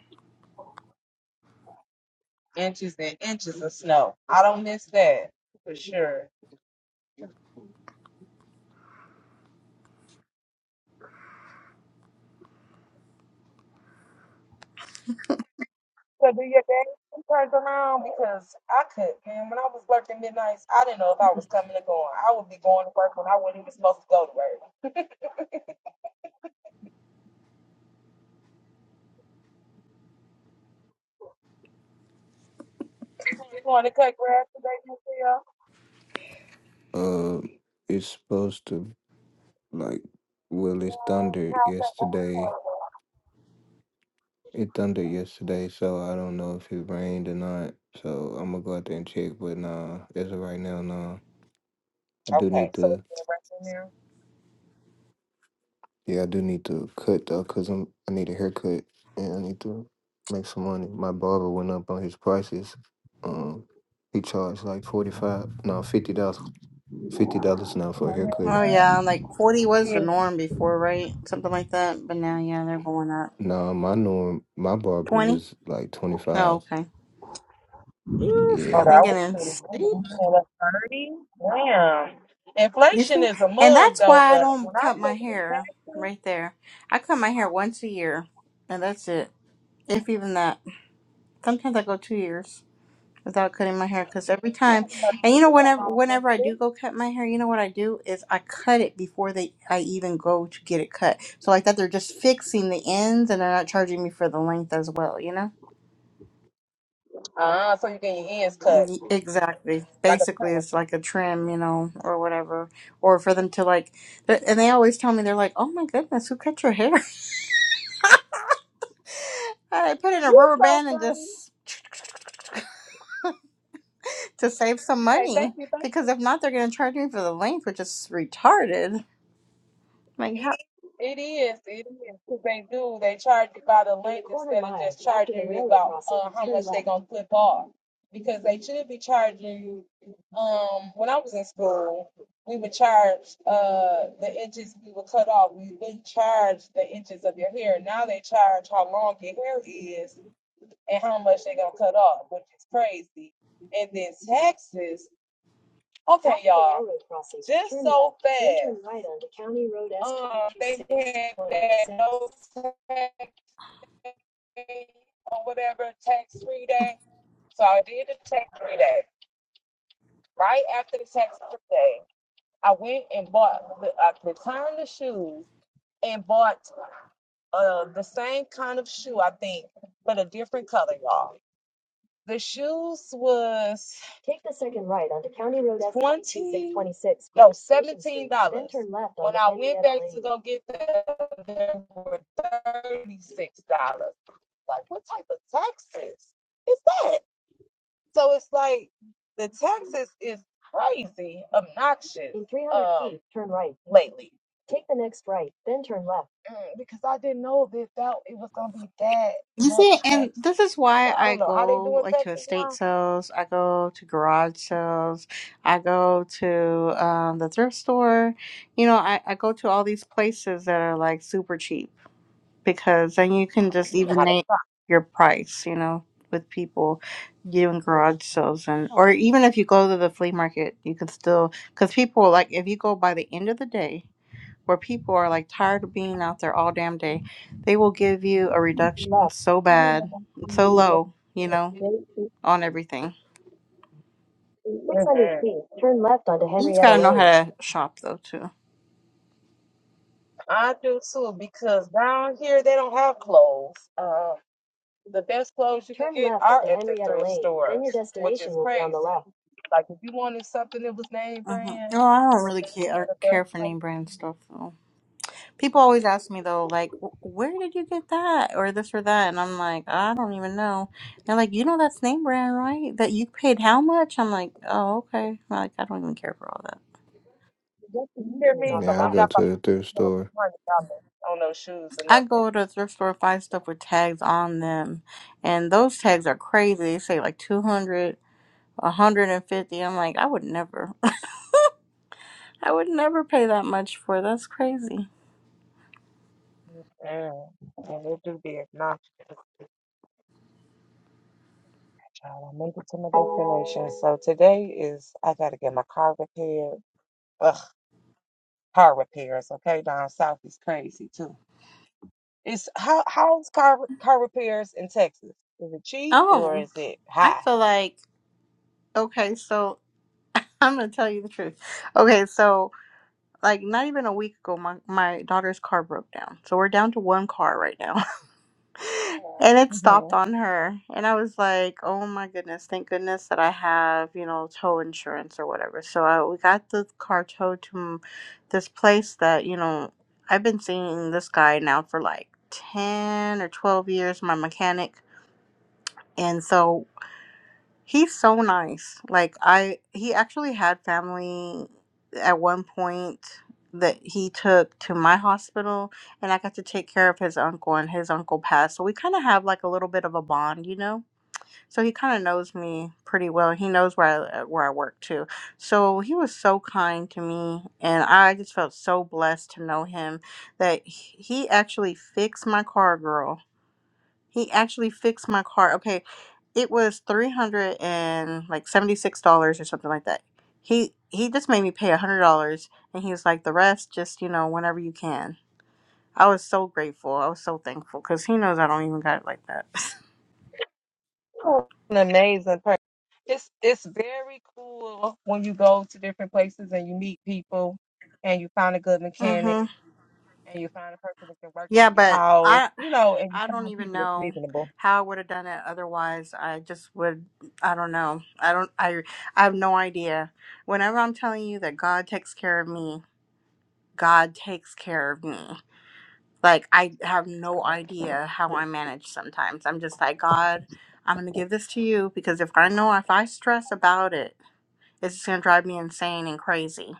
Speaker 1: You want to cut grass today, Miss Leo?
Speaker 4: Uh, it's supposed to like well, it's
Speaker 1: On the
Speaker 4: thundered
Speaker 1: house at
Speaker 4: yesterday. It thundered yesterday, so I don't know if it rained or not. So I'm gonna go out there and check. But nah, as of right now, nah. I do
Speaker 1: Okay,
Speaker 4: need
Speaker 1: so
Speaker 4: to.
Speaker 1: it's been right in there.
Speaker 4: Yeah, I do need to cut though, cause I'm I need a haircut and I need to make some money. My barber went up on his prices. Um, he charged like forty five, no fifty dollars, fifty dollars now for a haircut.
Speaker 2: Oh, yeah. Like 40 was the norm before, right? Something like that. But now, yeah, they're going up.
Speaker 4: No, my norm, my barber
Speaker 2: 20?
Speaker 4: was like twenty
Speaker 2: Oh,
Speaker 4: five.
Speaker 2: okay. Ooh,
Speaker 1: Oh,
Speaker 4: Yeah,
Speaker 2: they're
Speaker 1: that
Speaker 4: so
Speaker 1: was
Speaker 2: getting
Speaker 1: pretty
Speaker 2: insane.
Speaker 1: good. Yeah, that's 30. Damn.
Speaker 2: You
Speaker 1: Inflation
Speaker 2: see?
Speaker 1: is a
Speaker 2: And
Speaker 1: mug,
Speaker 2: that's
Speaker 1: though,
Speaker 2: why I
Speaker 1: but when
Speaker 2: don't
Speaker 1: I
Speaker 2: cut
Speaker 1: say
Speaker 2: my
Speaker 1: this
Speaker 2: hair
Speaker 1: taxes,
Speaker 2: right there. I cut my hair once a year, and that's it. If even that. Sometimes I go two years without cutting my hair because every time,
Speaker 1: I'm about to
Speaker 2: and
Speaker 1: be
Speaker 2: you know,
Speaker 1: real
Speaker 2: whenever
Speaker 1: long, little
Speaker 2: whenever I do
Speaker 1: bit.
Speaker 2: go cut my hair, you know what I do is I cut it before they I even go to get it cut. So like that, they're just fixing the ends, and they're not charging me for the length as well. You know.
Speaker 1: Ah, so you get your ends cut
Speaker 2: Y- Exactly.
Speaker 1: like a prince.
Speaker 2: Basically, it's like a trim, you know, or whatever. Or for them to like, th- and they always tell me, they're like, oh my goodness, who cut your hair? I put in a
Speaker 1: You
Speaker 2: rubber
Speaker 1: so
Speaker 2: band and
Speaker 1: funny.
Speaker 2: just to save some
Speaker 1: Say
Speaker 2: money
Speaker 1: thank you, thank you.
Speaker 2: because if not, they're going to charge me for the length, which is retarded. Like, how?
Speaker 1: It is, it is. 'Cause they do, they charge you by the length instead of just charging you about uh, how much they gonna clip off. Because they should be charging you. Um, when I was in school, we would charge uh the inches we would cut off. We wouldn't charge the inches of your hair. Now they charge how long your hair is and how much they gonna cut off, which is crazy. And then taxes. Okay, y'all. Just so fast. Turn right onto County Road Um, they had that no tax or whatever tax free day. So I did the tax free day. Right after the tax free day, I went and bought, I returned the shoes and bought uh, the same kind of shoe, I think, but a different color, y'all. The shoes was Take the second right onto County Road 20 twenty-six twenty-six. no, seventeen Street, then dollars. turn left When onto I went Henrietta back to Lane. go get them, they were thirty-six dollars. Like, what type of taxes is that? So it's like the taxes is crazy, obnoxious, In 300 um, feet, turn right. lately. Take the next right, then turn left. Mm, because I didn't know that that it was gonna be that
Speaker 2: You see,
Speaker 1: much
Speaker 2: and
Speaker 1: taxes.
Speaker 2: this is
Speaker 1: So
Speaker 2: why
Speaker 1: I
Speaker 2: I
Speaker 1: don't know how they
Speaker 2: go
Speaker 1: doing
Speaker 2: like to
Speaker 1: taxes now.
Speaker 2: estate sales, I go to garage sales, I go to um, the thrift store. You know, I, I go to all these places that are like super cheap because then you can just even
Speaker 1: how to.
Speaker 2: name your price, you know, with people doing garage sales and or even if you go to the flea market, you can still because people like if you go by the end of the day where people are like tired of being out there all damn day, they will give you a reduction so bad, so low, you know, on everything.
Speaker 1: 602. Turn left onto
Speaker 2: You just
Speaker 1: Henrietta
Speaker 2: gotta know how
Speaker 1: Lane.
Speaker 2: to shop though too.
Speaker 1: I do too because down here they don't have clothes. Uh, the best clothes you can Turn get left are onto at the Henrietta thrift Lane. Then your stores, which destination is will be on the crazy. left. Like if you wanted something that was name
Speaker 2: hmm
Speaker 1: brand,
Speaker 2: Oh, I don't really care
Speaker 1: the best
Speaker 2: care for
Speaker 1: place
Speaker 2: name brand stuff though. People always ask me though, like, "Wh- where did you get that or this or that? And I'm like, I don't even know. They're like, you know, that's name brand, right? That you paid how much? I'm like, oh, okay. like, I don't even care for all that.
Speaker 1: to get it, you hear Is on
Speaker 4: yeah, I
Speaker 1: I'm left.
Speaker 4: go
Speaker 1: not
Speaker 4: to
Speaker 1: about to
Speaker 4: the thrift store
Speaker 1: spend
Speaker 2: I go to a thrift store, find stuff with tags on them, and those tags are crazy. They say like 200, a 150. I'm like, I would never, I would never pay that much for. That's crazy. Oh, I feel like, okay, so I'm gonna tell you the truth. Okay, so. like not even a week ago my, my daughter's car broke down so we're down to one car right now and it
Speaker 1: twenty
Speaker 2: stopped
Speaker 1: dollars.
Speaker 2: on her and i was like oh my goodness thank goodness that i have you know tow insurance or whatever so I, we got the car towed to m- this place that you know i've been seeing this guy now for like 10 or 12 years my mechanic and so He's so nice. Like I he actually had family at one point that he took to my hospital and I got to take care of his uncle and his uncle passed. So we kind of have like a little bit of a bond, you know. So he kind of knows me pretty well. He knows where I uh, where I work too. So he was so kind to me and I just felt so blessed to know him that he he actually fixed my car girl he actually fixed my car. Okay, it was three hundred and like seventy six dollars or something like that. He he just made me pay a hundred dollars, and he was like, "The rest, just you know, whenever you can." I was so grateful. I was so thankful because he knows I don't even got it like that. mhm. Yeah, but I I don't even know how I would have done it otherwise. I just would. I don't know. I don't. I I have no idea. Whenever I'm telling you that God takes care of me, God takes care of me. Like I have no idea how I manage sometimes. I'm just like, God, I'm gonna give this to you because if I know if I stress about it, it's just gonna drive me insane and crazy.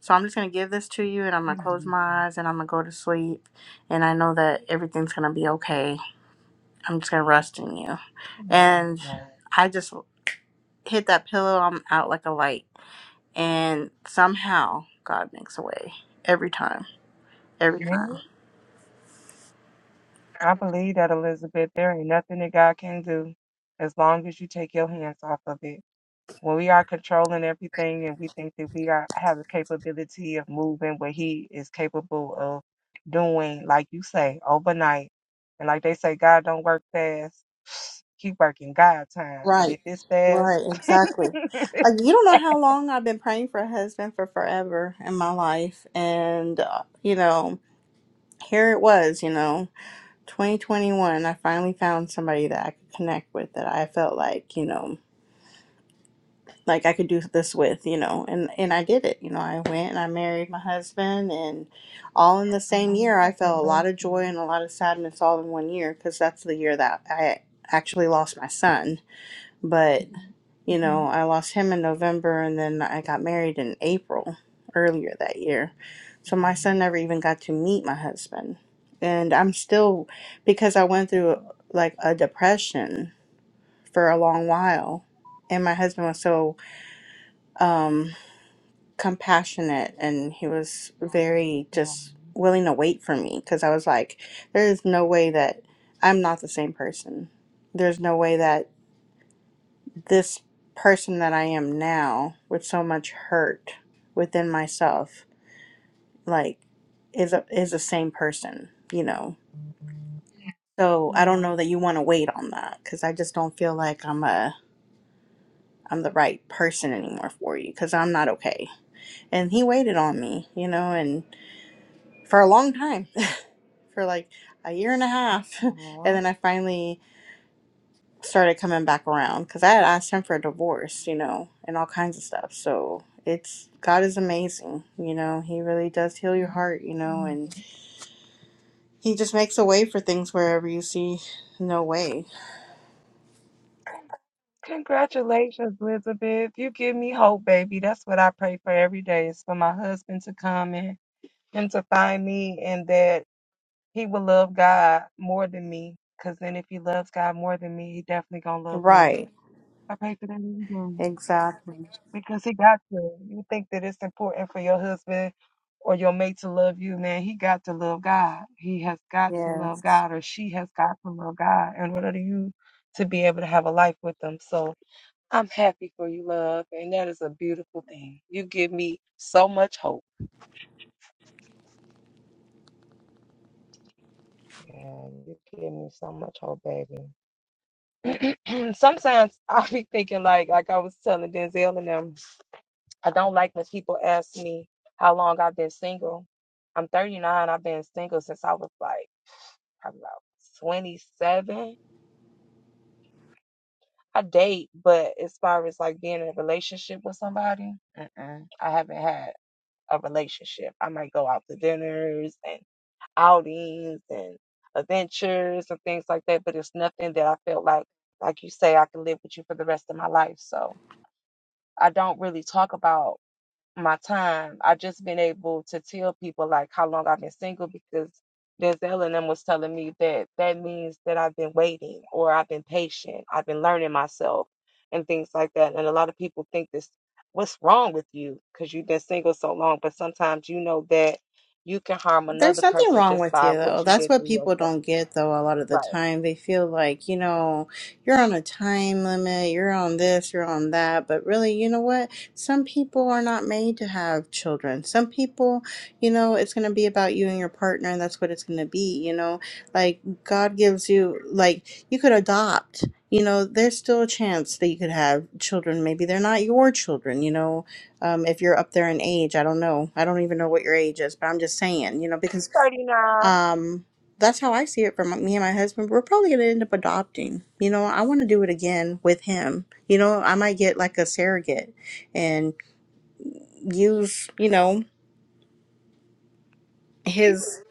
Speaker 2: So I'm just gonna give this to you and I'm gonna close
Speaker 1: hmm
Speaker 2: my eyes and I'm gonna go to sleep and I know that everything's gonna be okay. I'm just gonna rest in you. And I just hit that pillow, I'm out like a light. And somehow God makes a way. Every time. Every time. Right. Right. Exactly. Like you don't know how long I've been praying for a husband for forever in my life, and uh, you know, here it was. You know, 2021. I finally found somebody that I could connect with that I felt like you know, like I could do this with. You know, and and I did it. You know, I went and I married my husband, and all in the same year, I felt a lot of joy and a lot of sadness all in one year because that's the year that I actually lost my son. But You know, I lost him in November and then I got married in April earlier that year. So my son never even got to meet my husband. And I'm still, because I went through like a depression for a long while. And my husband was so um, compassionate and he was very just willing to wait for me because I was like, there is no way that I'm not the same person. There's no way that this person that I am now with so much hurt within myself like is a, is the same person, you know. So I don't know that you want to wait on that cuz I just don't feel like I'm a I'm the right person anymore for you cuz I'm not okay. And he waited on me, you know, and for a long time, for like a year and a half. and then I finally started coming back around because I had asked him for a divorce, you know, and all kinds of stuff. So it's God is amazing, you know. He really does heal your heart, you know, and He just makes a way for things wherever you see no way. Right. Exactly. Yeah. There's nothing wrong with you though. That's what people don't get though a lot of the time. They feel like, you know, you're on a time limit, you're on this, you're on that, but really, you know what? Some people are not made to have children. Some people, you know, it's going to be about you and your partner and that's what it's going to be, you know? Like God gives you like you could adopt. You know, there's still a chance that you could have children. Maybe they're not your children, you know? um, if you're up there in age. I don't know. I don't even know what your age is, but I'm just saying, you know, because um, that's how I see it from me and my husband. We're probably going to end up adopting. You know, I want to do it again with him. You know, I might get like a surrogate and use, you know, his.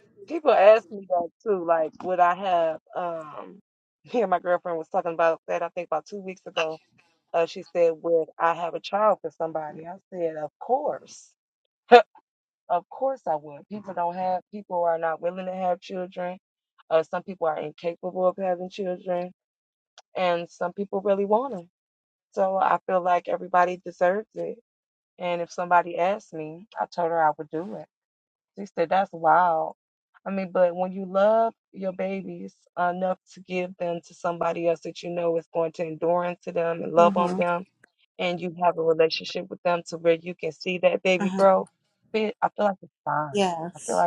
Speaker 2: Uh-huh. Uh-huh. Yes.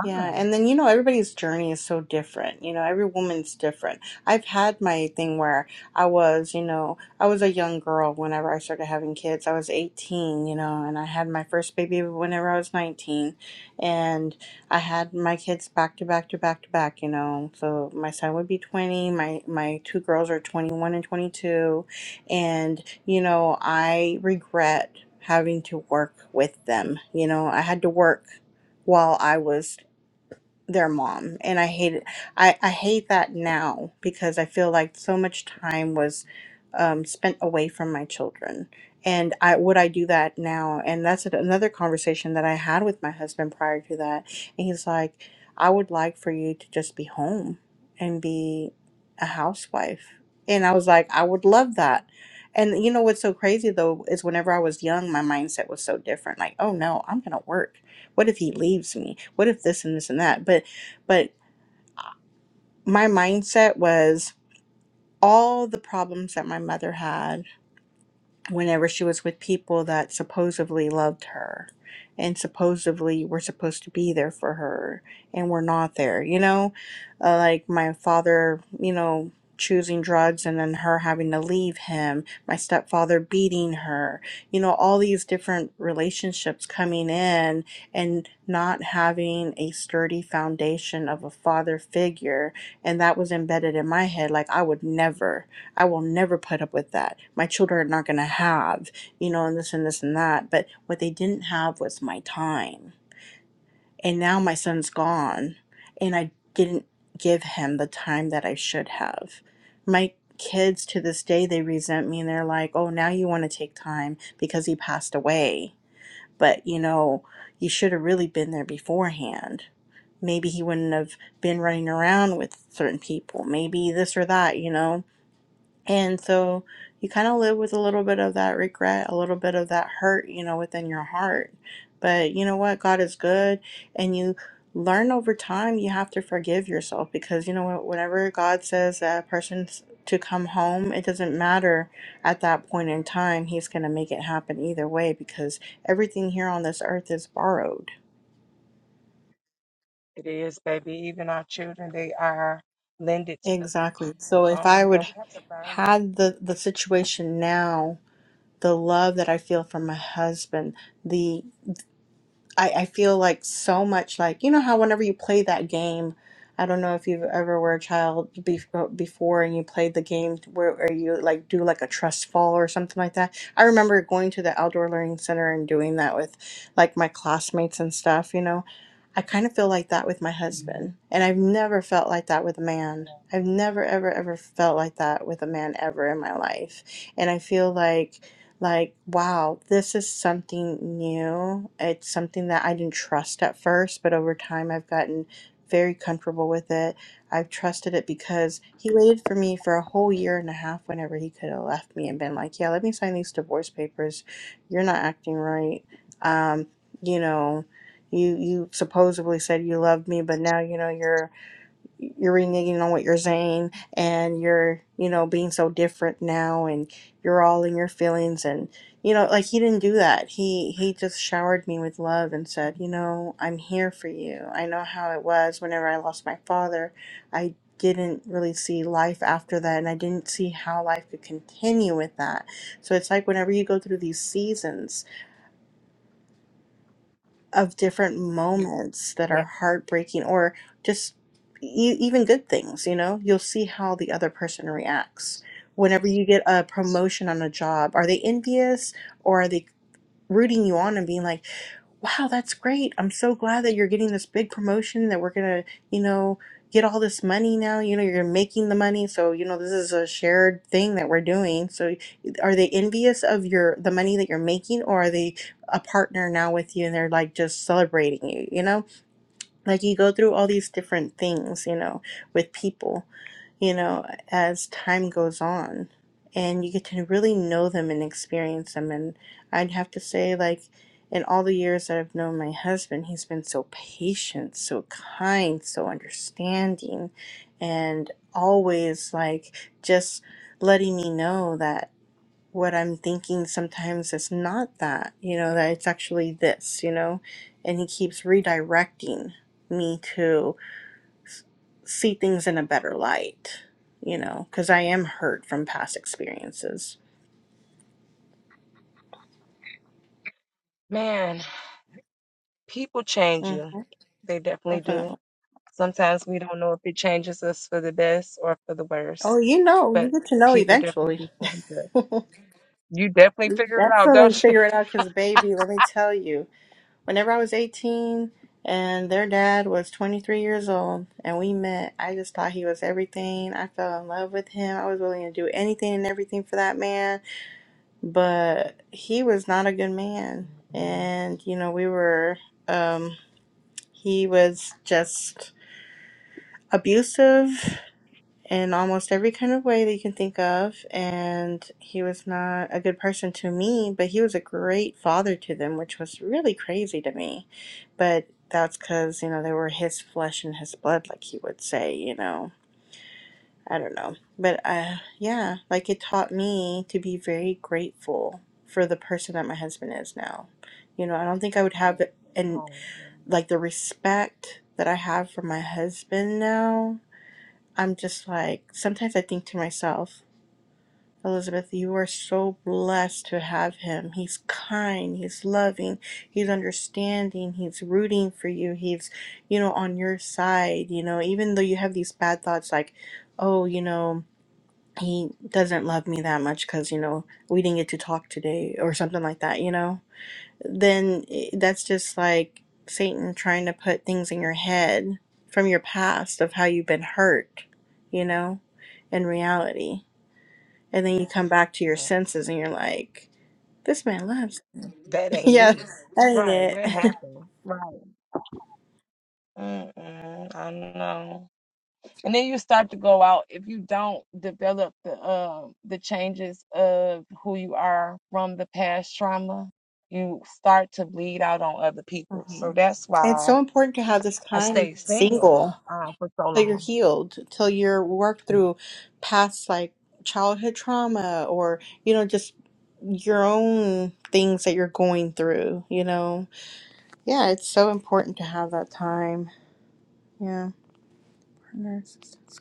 Speaker 2: Yeah, and then you know everybody's journey is so different. You know, every woman's different. I've had my thing where I was, you know, I was a young girl whenever I started having kids. I was 18, you know, and I had my first baby whenever I was 19. And I had my kids back to back to back to back, you know. So my son would be 20, my my two girls are 21 and 22, and you know, I regret having to work with them. You know, I had to work while I was their mom and i hate it i i hate that now because i feel like so much time was um, spent away from my children and i would i do that now and that's an- another conversation that i had with my husband prior to that and he's like i would like for you to just be home and be a housewife and i was like i would love that and you know what's so crazy though is whenever i was young my mindset was so different like oh no i'm gonna work what if he leaves me what if this and this and that but but my mindset was all the problems that my mother had whenever she was with people that supposedly loved her and supposedly were supposed to be there for her and were not there. You know, uh, like my father, you know, choosing drugs and then her having to leave him, my stepfather beating her, you know, all these different relationships coming in and not having a sturdy foundation of a father figure. And that was embedded in my head like, I would never. I will never put up with that. My children are not going to have, you know, and this and this and that. But what they didn't have was my time. And now my son's gone, and I didn't give him the time that I should have. My kids to this day, they resent me and they're like, oh, now you want to take time because he passed away. But, you know, you should have really been there beforehand. Maybe he wouldn't have been running around with certain people. Maybe this or that, you know? And so you kind of live with a little bit of that regret, a little bit of that hurt, you know, within your heart. But you know what? God is good. And you learn over time, you have to forgive yourself because, you know what? Whenever God says that a person's to come home, it doesn't matter at that point in time. He's going to make it happen either way because everything here on this earth is borrowed. Exactly. So if I would had the the situation now, the love that I feel from my husband, the I, I feel like so much like you know how whenever you play that game i don't know if you've ever were a child bef- uh, before and you played the game where, where you like do like a trust fall or something like that i remember going to the outdoor learning center and doing that with like my classmates and stuff you know i kind of feel like that with my
Speaker 1: hmm
Speaker 2: husband and i've never felt like that with a man i've never ever ever felt like that with a man ever in my life and i feel like like, wow, this is something new. It's something that I didn't trust at first, but over time I've gotten very comfortable with it. I've trusted it because he waited for me for a whole year and a half whenever he could have left me and been like, yeah, let me sign these divorce papers. You're not acting right. Um, you know, you you supposedly said you loved me, but now you know you're you're reneging on what you're saying and you're you know being so different now and you're all in your feelings and you know like he didn't do that he he just showered me with love and said you know i'm here for you i know how it was whenever i lost my father i didn't really see life after that and i didn't see how life could continue with that so it's like whenever you go through these seasons of different moments that are heartbreaking or just e- even good things you know you'll see how the other person reacts whenever you get a promotion on a job are they envious or are they rooting you on and being like wow, that's great. I'm so glad that you're getting this big promotion that we're gonna, you know, get all this money now. You know, you're making the money, so you know this is a shared thing that we're doing. So, are they envious of your the money that you're making, or are they a partner now with you and they're like just celebrating you? You know, like you go through all these different things you know with people you know as time goes on and you get to really know them and experience them and i'd have to say like in all the years that i've known my husband he's been so patient so kind so understanding and always like just letting me know that what I'm thinking sometimes is not that, you know, that it's actually this, you know, and he keeps redirecting me to see things in a better light, you know, because I am hurt from past experiences. Mm, definitely. Oh, you know, you get to know eventually.
Speaker 1: You definitely figure it out,
Speaker 2: Definitely
Speaker 1: don't you?
Speaker 2: figure it out because, baby, let me tell you. Whenever I was 18 and their dad was 23 years old and we met, I just thought he was everything. I fell in love with him. I was willing to do anything and everything for that man, but he was not a good man. And, you know, we were, um, he was just abusive in almost every kind of way that you can think of. And he was not a good person to me, but he was a great father to them, which was really crazy to me. But that's because, you know, they were his flesh and his blood, like he would say, you know. I don't know. But uh, yeah, like it taught me to be very grateful for the person that my husband is now. You know, I don't think I would have and like the respect that I have for my husband now I'm just like, sometimes I think to myself, Elizabeth, you are so blessed to have him. He's kind, he's loving, he's understanding, he's rooting for you, he's, you know, on your side, you know, even though you have these bad thoughts like, oh, you know, he doesn't love me that much because, you know, we didn't get to talk today or something like that, you know? then i- that's just like Satan trying to put things in your head from your past of how you've been hurt, you know, in reality. And then you come back to your senses and you're like, this man loves. yeah, that ain't it. Mhm. it's so important to have this time single till you're healed, till you're worked through past like childhood trauma or, you know, just your own things that you're going through, you know Yeah, it's so important to have that time. Yeah. Partner, assistance.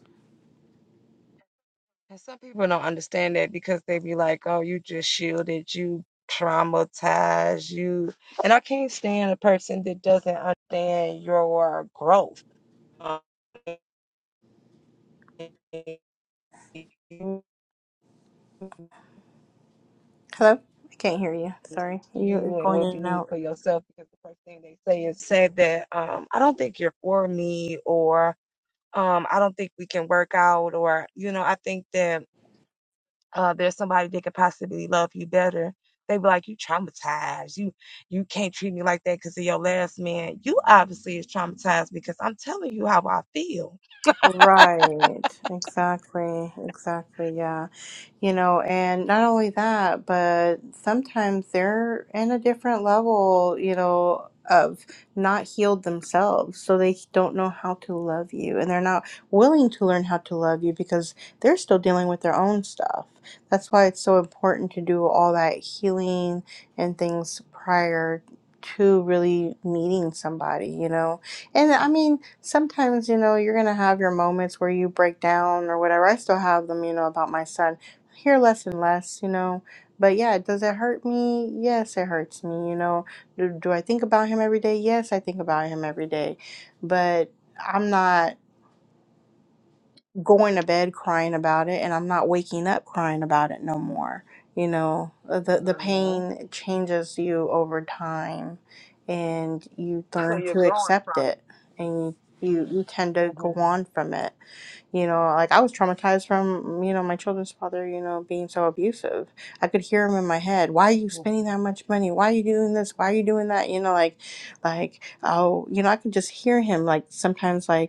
Speaker 2: Hello? I can't hear you. Sorry. You're going in and out. Right, exactly, exactly, yeah. You know, and not only that, but sometimes they're in a different level, you know, of not healed themselves. So they don't know how to love you and they're not willing to learn how to love you because they're still dealing with their own stuff. That's why it's so important to do all that healing and things prior to really meeting somebody, you know and I mean, sometimes, you know, you're going to have your moments where you break down or whatever. I still have them, you know, about my son. I hear less and less, you know. But yeah, does it hurt me? Yes, it hurts me, you know. Do, do I think about him every day? Yes, I think about him every day. But I'm not going to bed crying about it and I'm not waking up crying about it no more. You know, uh, the
Speaker 1: Oh,
Speaker 2: the
Speaker 1: yeah.
Speaker 2: pain changes you over time and you
Speaker 1: So
Speaker 2: learn
Speaker 1: you're
Speaker 2: to
Speaker 1: growing
Speaker 2: accept
Speaker 1: from it.
Speaker 2: it and you you tend to
Speaker 1: hmm
Speaker 2: go on from it. You know, like I was traumatized from, you know, my children's father, you know, being so abusive. I could hear him in my head. Why are you
Speaker 1: hmm
Speaker 2: spending that much money? Why are you doing this? Why are you doing that? You know, like like oh, you know, I could just hear him like sometimes like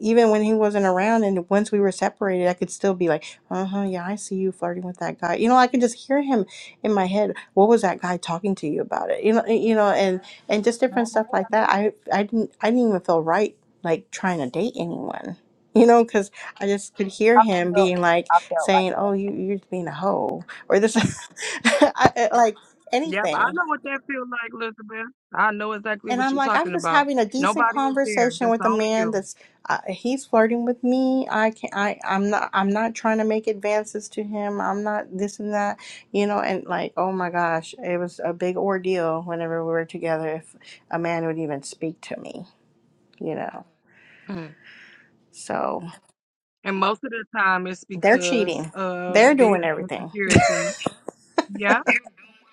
Speaker 2: even when he wasn't around and once we were separated i could still be like uh-huh yeah i see you flirting with that guy you know i could just hear him in my head what was that guy talking to you about it you know you know and and just different stuff like that i i didn't i didn't even feel right like trying to date anyone you know because i just could hear
Speaker 1: I
Speaker 2: him
Speaker 1: feel.
Speaker 2: being like
Speaker 1: I felt.
Speaker 2: saying oh you you're being a hoe or this I, I- like
Speaker 1: Yep, I
Speaker 2: anything
Speaker 1: know what that feels like, Elizabeth. I know exactly
Speaker 2: and
Speaker 1: what
Speaker 2: I'm
Speaker 1: you're
Speaker 2: like, I'm
Speaker 1: talking
Speaker 2: just
Speaker 1: about.
Speaker 2: having a decent
Speaker 1: Nobody is there,
Speaker 2: conversation
Speaker 1: just
Speaker 2: with a
Speaker 1: only
Speaker 2: man
Speaker 1: you.
Speaker 2: that's uh, he's flirting with me. I can I I'm not I'm not trying to make advances to him. I'm not this and that, you know. And like, oh my gosh, it was a big ordeal whenever we were together if a man would even speak to me, you know.
Speaker 1: Mm.
Speaker 2: So
Speaker 1: And most of the time, it's
Speaker 2: they're
Speaker 1: because
Speaker 2: cheating.
Speaker 1: of
Speaker 2: They're
Speaker 1: their
Speaker 2: doing everything.
Speaker 1: insecurity. Yep.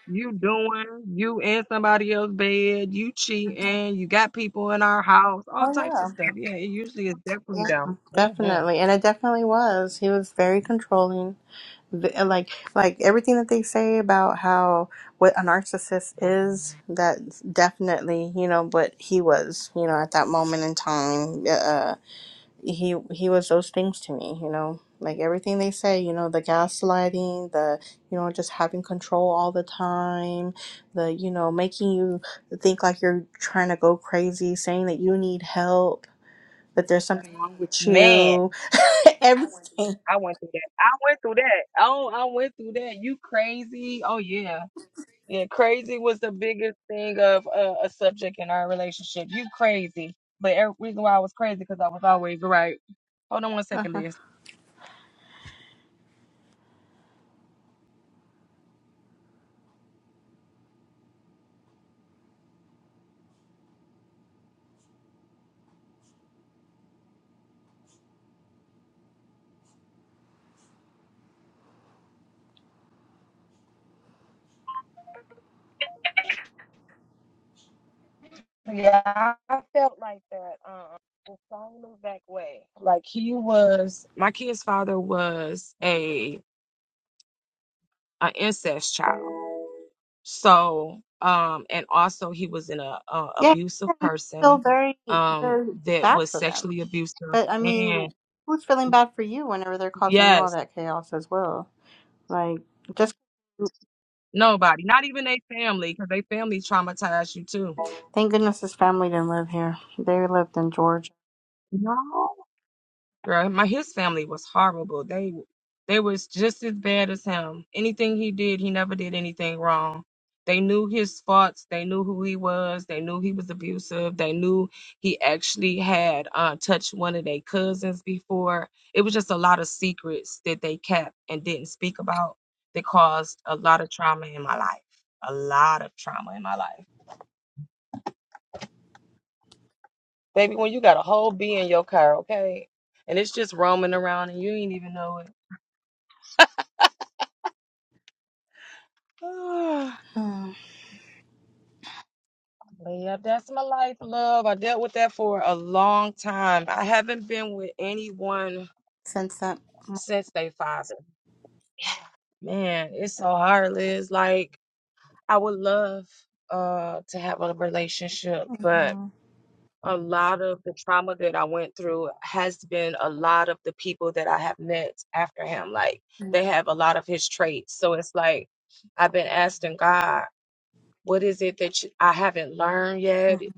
Speaker 1: You doing, you in somebody else's bed, you cheating, you got people in our house, all types of
Speaker 2: Oh
Speaker 1: stuff. Yeah, it usually is
Speaker 2: yeah,
Speaker 1: definitely
Speaker 2: yeah,
Speaker 1: them. hmm
Speaker 2: definitely. And it definitely was. He was very controlling th- like like everything that they say about how what a narcissist is that definitely you know what he was you know at that moment in time uh uh, he he was those things to me you know like everything they say you know the gaslighting the you know just having control all the time the you know making you think like you're trying to go crazy saying that you need help that there's something wrong with
Speaker 1: Man,
Speaker 2: you everything
Speaker 1: I went through that. I went through that. Oh, I went through that. You crazy? Oh yeah, yeah. Crazy was the biggest thing of uh, a subject in our relationship. You crazy, but every reason why I was crazy because I was always right. Hold on one second,
Speaker 2: Uh-huh.
Speaker 1: Liz. Yeah, I felt like that. Um, the same exact way. Like he was, my kid's father was a an incest child. So, um, and also he was in a, a
Speaker 2: Yeah,
Speaker 1: abusive
Speaker 2: I feel
Speaker 1: person,
Speaker 2: very,
Speaker 1: um,
Speaker 2: very
Speaker 1: that
Speaker 2: bad
Speaker 1: was
Speaker 2: for them.
Speaker 1: sexually abusive.
Speaker 2: But I mean,
Speaker 1: And
Speaker 2: who's feeling bad for you whenever they're causing you all
Speaker 1: yes,
Speaker 2: that chaos as well? Like, just
Speaker 1: nobody, not even their family, because they family traumatized you too.
Speaker 2: thank goodness his family didn't live here. They lived in Georgia.
Speaker 1: No. Girl, my his family was horrible. They they was just as bad as him. Anything he did, he never did anything wrong. They knew his faults. They knew who he was. They knew he was abusive. They knew he actually had uh, touched one of their cousins before. It was just a lot of secrets that they kept and didn't speak about that caused a lot of trauma in my life. A lot of trauma in my life.
Speaker 2: Mm, since that. Mhm. Mhm.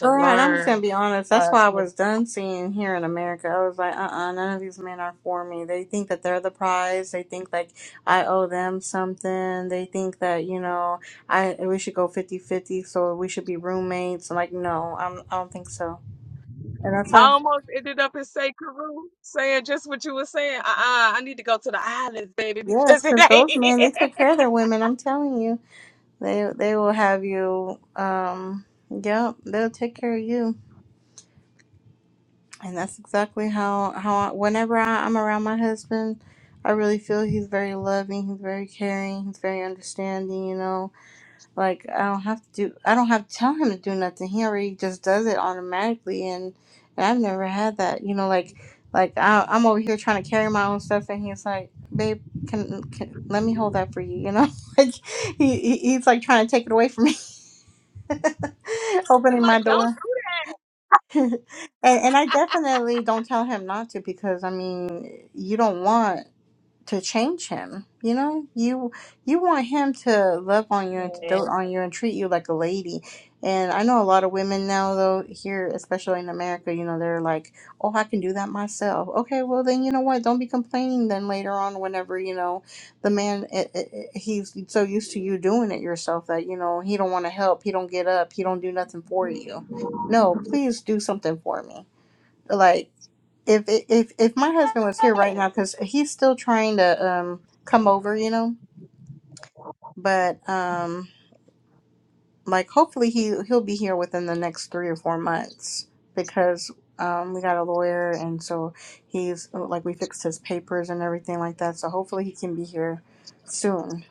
Speaker 2: Girl, and I'm just gonna be honest. That's why I was done seeing here in America. I was like, uh, uh none of these men are for me. They think that they're the prize. They think like I owe them something. They think that you know I we should go fifty-fifty. so we should be roommates. I'm like, no, I'm I don't think so. And that's
Speaker 1: I
Speaker 2: why,
Speaker 1: almost ended up in St. Carew saying just what you were saying. Uh-uh, I need to go to the islands, baby,
Speaker 2: yes,
Speaker 1: because it
Speaker 2: because
Speaker 1: ain't
Speaker 2: those men they take
Speaker 1: here.
Speaker 2: care of their women. I'm telling you, they they will have you. Um, yep, they'll take care of you. and that's exactly how how I, whenever I, I'm around my husband, I really feel he's very loving, he's very caring, he's very understanding. You know, like I don't have to do, I don't have to tell him to do nothing. He already just does it automatically, and and I've never had that. You know, like like I, I'm over here trying to carry my own stuff, and he's like, babe. Can, can let me hold that for you you know like he, he he's like trying to take it away from me opening my door and and I definitely don't tell him not to because I mean you don't want to change him. You know, you you want him to love on you and to
Speaker 1: Yeah.
Speaker 2: dote on you and treat you like a lady. And I know a lot of women now, though here, especially in America, you know, they're like, "Oh, I can do that myself." Okay, well then, you know what? Don't be complaining then later on, whenever you know the man it, it, it- he's so used to you doing it yourself that you know he don't want to help, he don't get up, he don't do nothing for you. No, please do something for me. Like if if if my husband was here right now because he's still trying to um come over you know but um like hopefully he he'll be here within the next three or four months because um we got a lawyer and so he's like we fixed his papers and everything like that so hopefully he can be here soon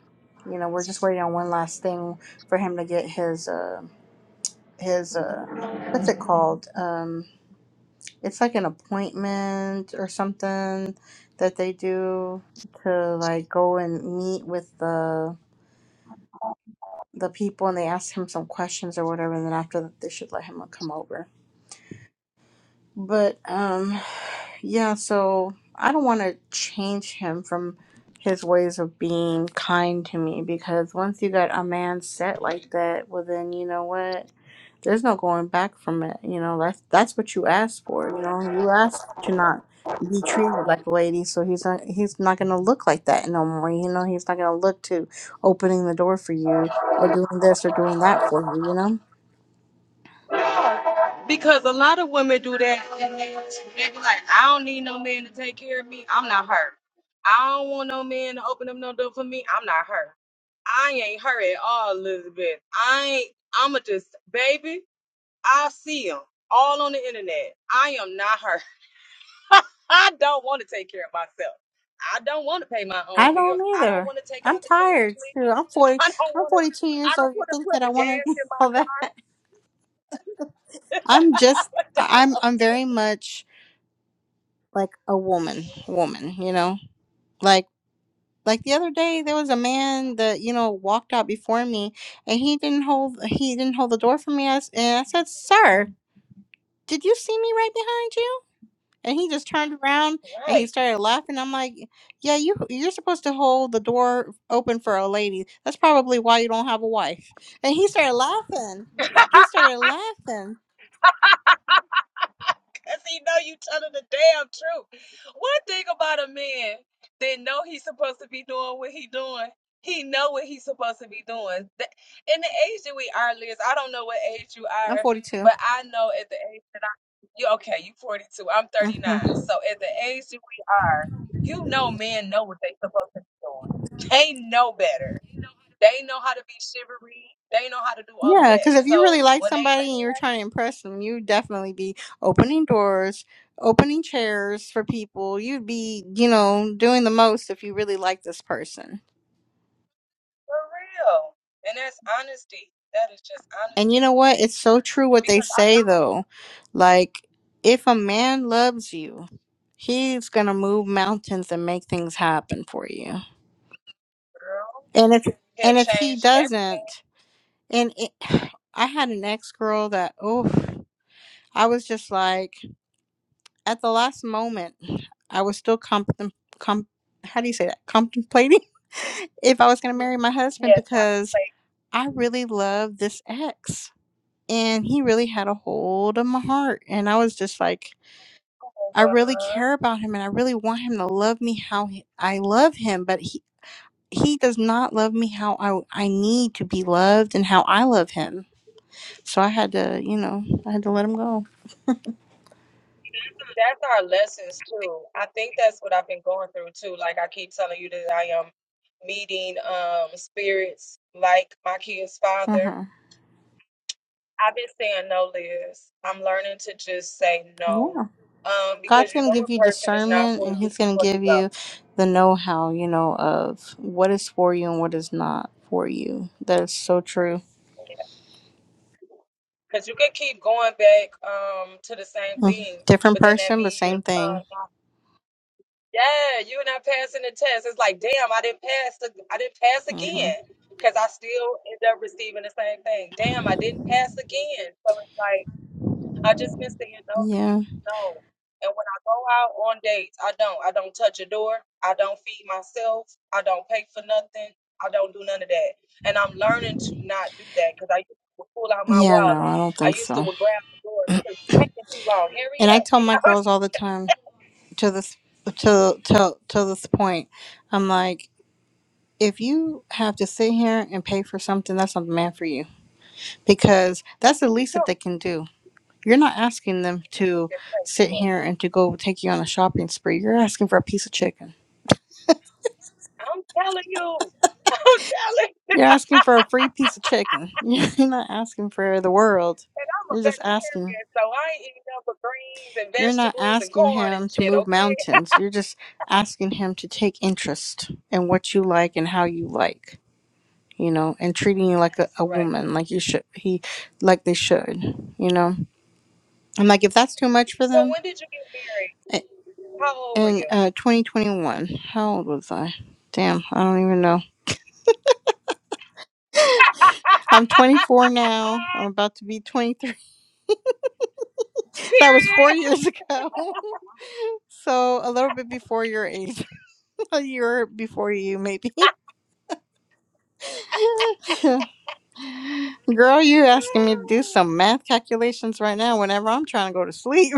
Speaker 2: you know we're just waiting on one last thing for him to get his uh his uh what's it called Um, it's like an appointment or something that they do to like go and meet with the the people and they ask him some questions or whatever and then after that they should let him come over but um yeah so i don't want to change him from his ways of being kind to me because once you got a man set like that well then you know what There's no going back from it. You know, that's that's what you asked for. You know, you asked to not be treated like a lady, so he's not he's not gonna look like that no more. You know, he's not gonna look to opening the door for you or doing this or doing that for you. You know,
Speaker 1: Because other women do that. They be like, I don't need no man to take care of me. I'm not her. I don't want no man to open up no door for me. I'm not her. I ain't her at all, Elizabeth. I ain't, I'm going to just, baby, I see them all on the internet. I am not her. I don't take care of myself. I don't pay my
Speaker 2: I
Speaker 1: bills.
Speaker 2: don't
Speaker 1: I don't
Speaker 2: either.
Speaker 1: want to,
Speaker 2: I'm tired too. I'm forty.
Speaker 1: I don't
Speaker 2: I'm
Speaker 1: want to,
Speaker 2: forty two
Speaker 1: I
Speaker 2: years
Speaker 1: don't
Speaker 2: old. You
Speaker 1: want to
Speaker 2: think
Speaker 1: put
Speaker 2: that I
Speaker 1: the
Speaker 2: want
Speaker 1: gas
Speaker 2: to do
Speaker 1: in my
Speaker 2: all that? I'm just. I'm. I'm very much like a woman. Woman. You know, like. Like the other day, there was a man that, you know, walked out before me and he didn't hold he didn't hold the door for me. I s and I said, "Sir, did you see me right behind you?" And he just turned around and he
Speaker 1: Right.
Speaker 2: started laughing. I'm like, "Yeah, you you're supposed to hold the door open for a lady. That's probably why you don't have a wife." And he started laughing. He started laughing.
Speaker 1: That's even know the truth. Then,
Speaker 2: I'm 42. hmm Yeah, because if you really like somebody and you're trying to impress them, you'd definitely be opening doors, opening chairs for people. You'd be, you know, doing the most if you really like this person. And you know what? It's so true what they say, though. Like, if a man loves you, he's going to move mountains and make things happen for you.
Speaker 1: girl.
Speaker 2: And if
Speaker 1: He'll
Speaker 2: and if he
Speaker 1: change every
Speaker 2: doesn't, and it, I had an ex girl that, oh, I was just like, at the last moment, I was still contem com- how do you say that? Contemplating if I was going to marry my husband
Speaker 1: yes, I can
Speaker 2: because
Speaker 1: say
Speaker 2: I really loved this ex and he really had a hold of my heart. And I was just like,
Speaker 1: oh,
Speaker 2: I
Speaker 1: well,
Speaker 2: really care about him and I really want him to love me how he- I love him, but he, he does not love me how I, I need to be loved and how I love him. So I had to, you know, I had to let him go.
Speaker 1: That's true. I think that's what I've been going through too. Like I keep telling you that I am meeting um spirits like my kid's father.
Speaker 2: mm
Speaker 1: I've been saying no, Liz. I'm learning to just say
Speaker 2: Yeah.
Speaker 1: no. Um, because
Speaker 2: God's
Speaker 1: you
Speaker 2: going to
Speaker 1: know
Speaker 2: give
Speaker 1: a
Speaker 2: you
Speaker 1: person is not
Speaker 2: discernment
Speaker 1: for
Speaker 2: and
Speaker 1: you
Speaker 2: he's going to
Speaker 1: before you
Speaker 2: give
Speaker 1: go.
Speaker 2: you the know how, you know, of what is for you and what is not for you. That is so true.
Speaker 1: Because you can keep going back um to the same
Speaker 2: Mhm.
Speaker 1: thing,
Speaker 2: Different
Speaker 1: but then that
Speaker 2: person, but
Speaker 1: means you're
Speaker 2: same
Speaker 1: um
Speaker 2: thing.
Speaker 1: Yeah, you're not passing the test. It's like, damn, I didn't pass the, I didn't pass
Speaker 2: hmm
Speaker 1: again because I still end up receiving the same thing. Damn, I didn't pass again.
Speaker 2: Yeah. Yeah, no, I don't think so. And I tell my girls all the time to this to to to this point, I'm like, if you have to sit here and pay for something, that's not the man for you. Because that's the least that
Speaker 1: No,
Speaker 2: they can do You're not asking them to
Speaker 1: just pay for
Speaker 2: sit
Speaker 1: it.
Speaker 2: here and to go take you on a shopping spree. You're asking for a piece of chicken.
Speaker 1: I'm telling you,
Speaker 2: You're asking for a free piece of chicken. You're not asking for the world. You're just asking.
Speaker 1: so I
Speaker 2: You're not asking him
Speaker 1: ain't
Speaker 2: to
Speaker 1: shit.
Speaker 2: move
Speaker 1: Okay,
Speaker 2: mountains. You're just asking him to take interest in what you like and how you like, you know, and treating you like a,
Speaker 1: that's
Speaker 2: a
Speaker 1: right.
Speaker 2: woman, like you should, he, like they should, you know. And like, if that's too much for
Speaker 1: So
Speaker 2: them,
Speaker 1: when did you get married?
Speaker 2: i-
Speaker 1: How old were
Speaker 2: in
Speaker 1: you?
Speaker 2: uh, 2021, how old was I? Damn, I don't even know. I'm 24 now. I'm about to be 23. That was
Speaker 1: Period.
Speaker 2: four years ago. So a little bit before your age, a year before you, maybe. Girl, you asking me to do some math calculations right now whenever I'm trying to go to sleep.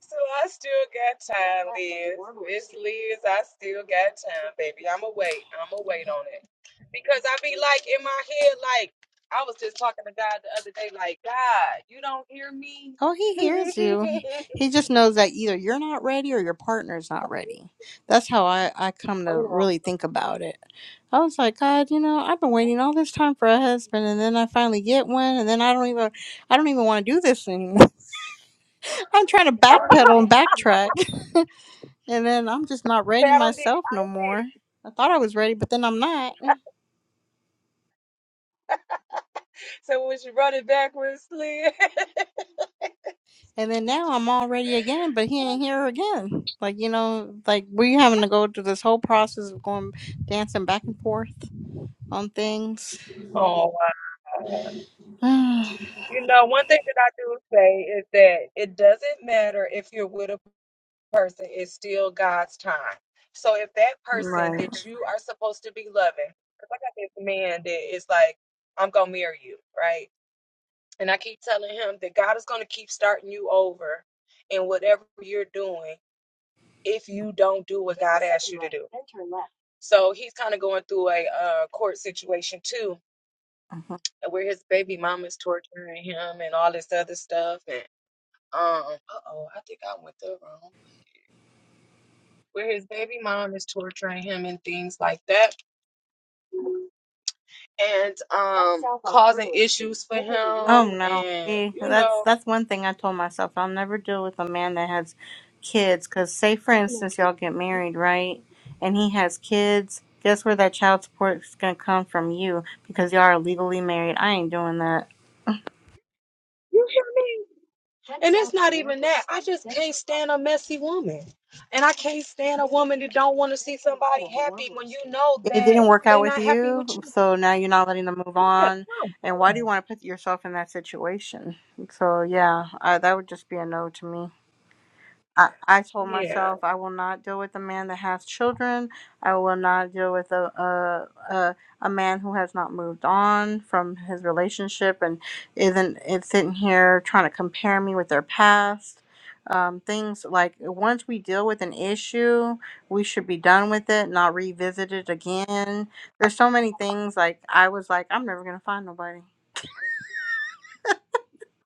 Speaker 1: So I still got time, Liz. It's Liz, I still got time, baby. I'ma wait. I'ma wait on it. Because I be like in my head, like I was just talking to God the other day, like, God, you don't hear me?
Speaker 2: Oh, he
Speaker 1: Say I
Speaker 2: hears you. He just knows that either you're not ready or your partner's not ready. That's how I, I come to really think about it. I was like, God, you know, I've been waiting all this time for a husband and then I finally get one and then I don't even I don't even want to do this anymore. I'm trying to backpedal and backtrack. and then I'm just not ready
Speaker 1: don't did it.
Speaker 2: myself
Speaker 1: I
Speaker 2: no
Speaker 1: didn't did
Speaker 2: more.
Speaker 1: it.
Speaker 2: I thought I was ready, but then I'm not.
Speaker 1: So when she run it backwards, Liz.
Speaker 2: And then now I'm all ready again, but he ain't here again. Like, you know, like we having to go through this whole process of going dancing back and forth on things.
Speaker 1: Oh, wow.
Speaker 2: right.
Speaker 1: you know, one thing that I do say is that it doesn't matter if you're with a person is still God's time. So if that person
Speaker 2: Mhm.
Speaker 1: that you are supposed to be loving, because I got this man that is like, I'm gonna marry you, right? And I keep telling him that God is gonna keep starting you over in whatever you're doing if you don't do what God asks you to do. So he's kind of going through a uh, court situation too, where his baby mama's torturing him and all this other stuff. And um, uh oh, I think I went the wrong where his baby mom is torturing him and things like that and um causing issues for him
Speaker 2: Oh no.
Speaker 1: and
Speaker 2: See,
Speaker 1: you
Speaker 2: that's
Speaker 1: know
Speaker 2: that's one thing I told myself. I'll never deal with a man that has kids. Cause say for instance y'all get married, right? And he has kids. Guess where that child support is gonna come from you because y'all are legally married. I ain't doing that.
Speaker 1: and it's not even that i just can't stand a man can't stand a woman that don't want to see somebody happy when you know
Speaker 2: it didn't work out
Speaker 1: they
Speaker 2: with
Speaker 1: know
Speaker 2: you,
Speaker 1: you
Speaker 2: so now you're not letting them move on. And why do you want to put yourself in that situation? So yeah, I, that would just be a no to me. I, I told myself I will not deal with a man that has children. I will not deal with a a, a a man who has not moved on from his relationship and isn't is sitting here trying to compare me with their past. Um, things like once we deal with an issue, we should be done with it, not revisit it again. There's so many things like I was like, I'm never gonna find nobody.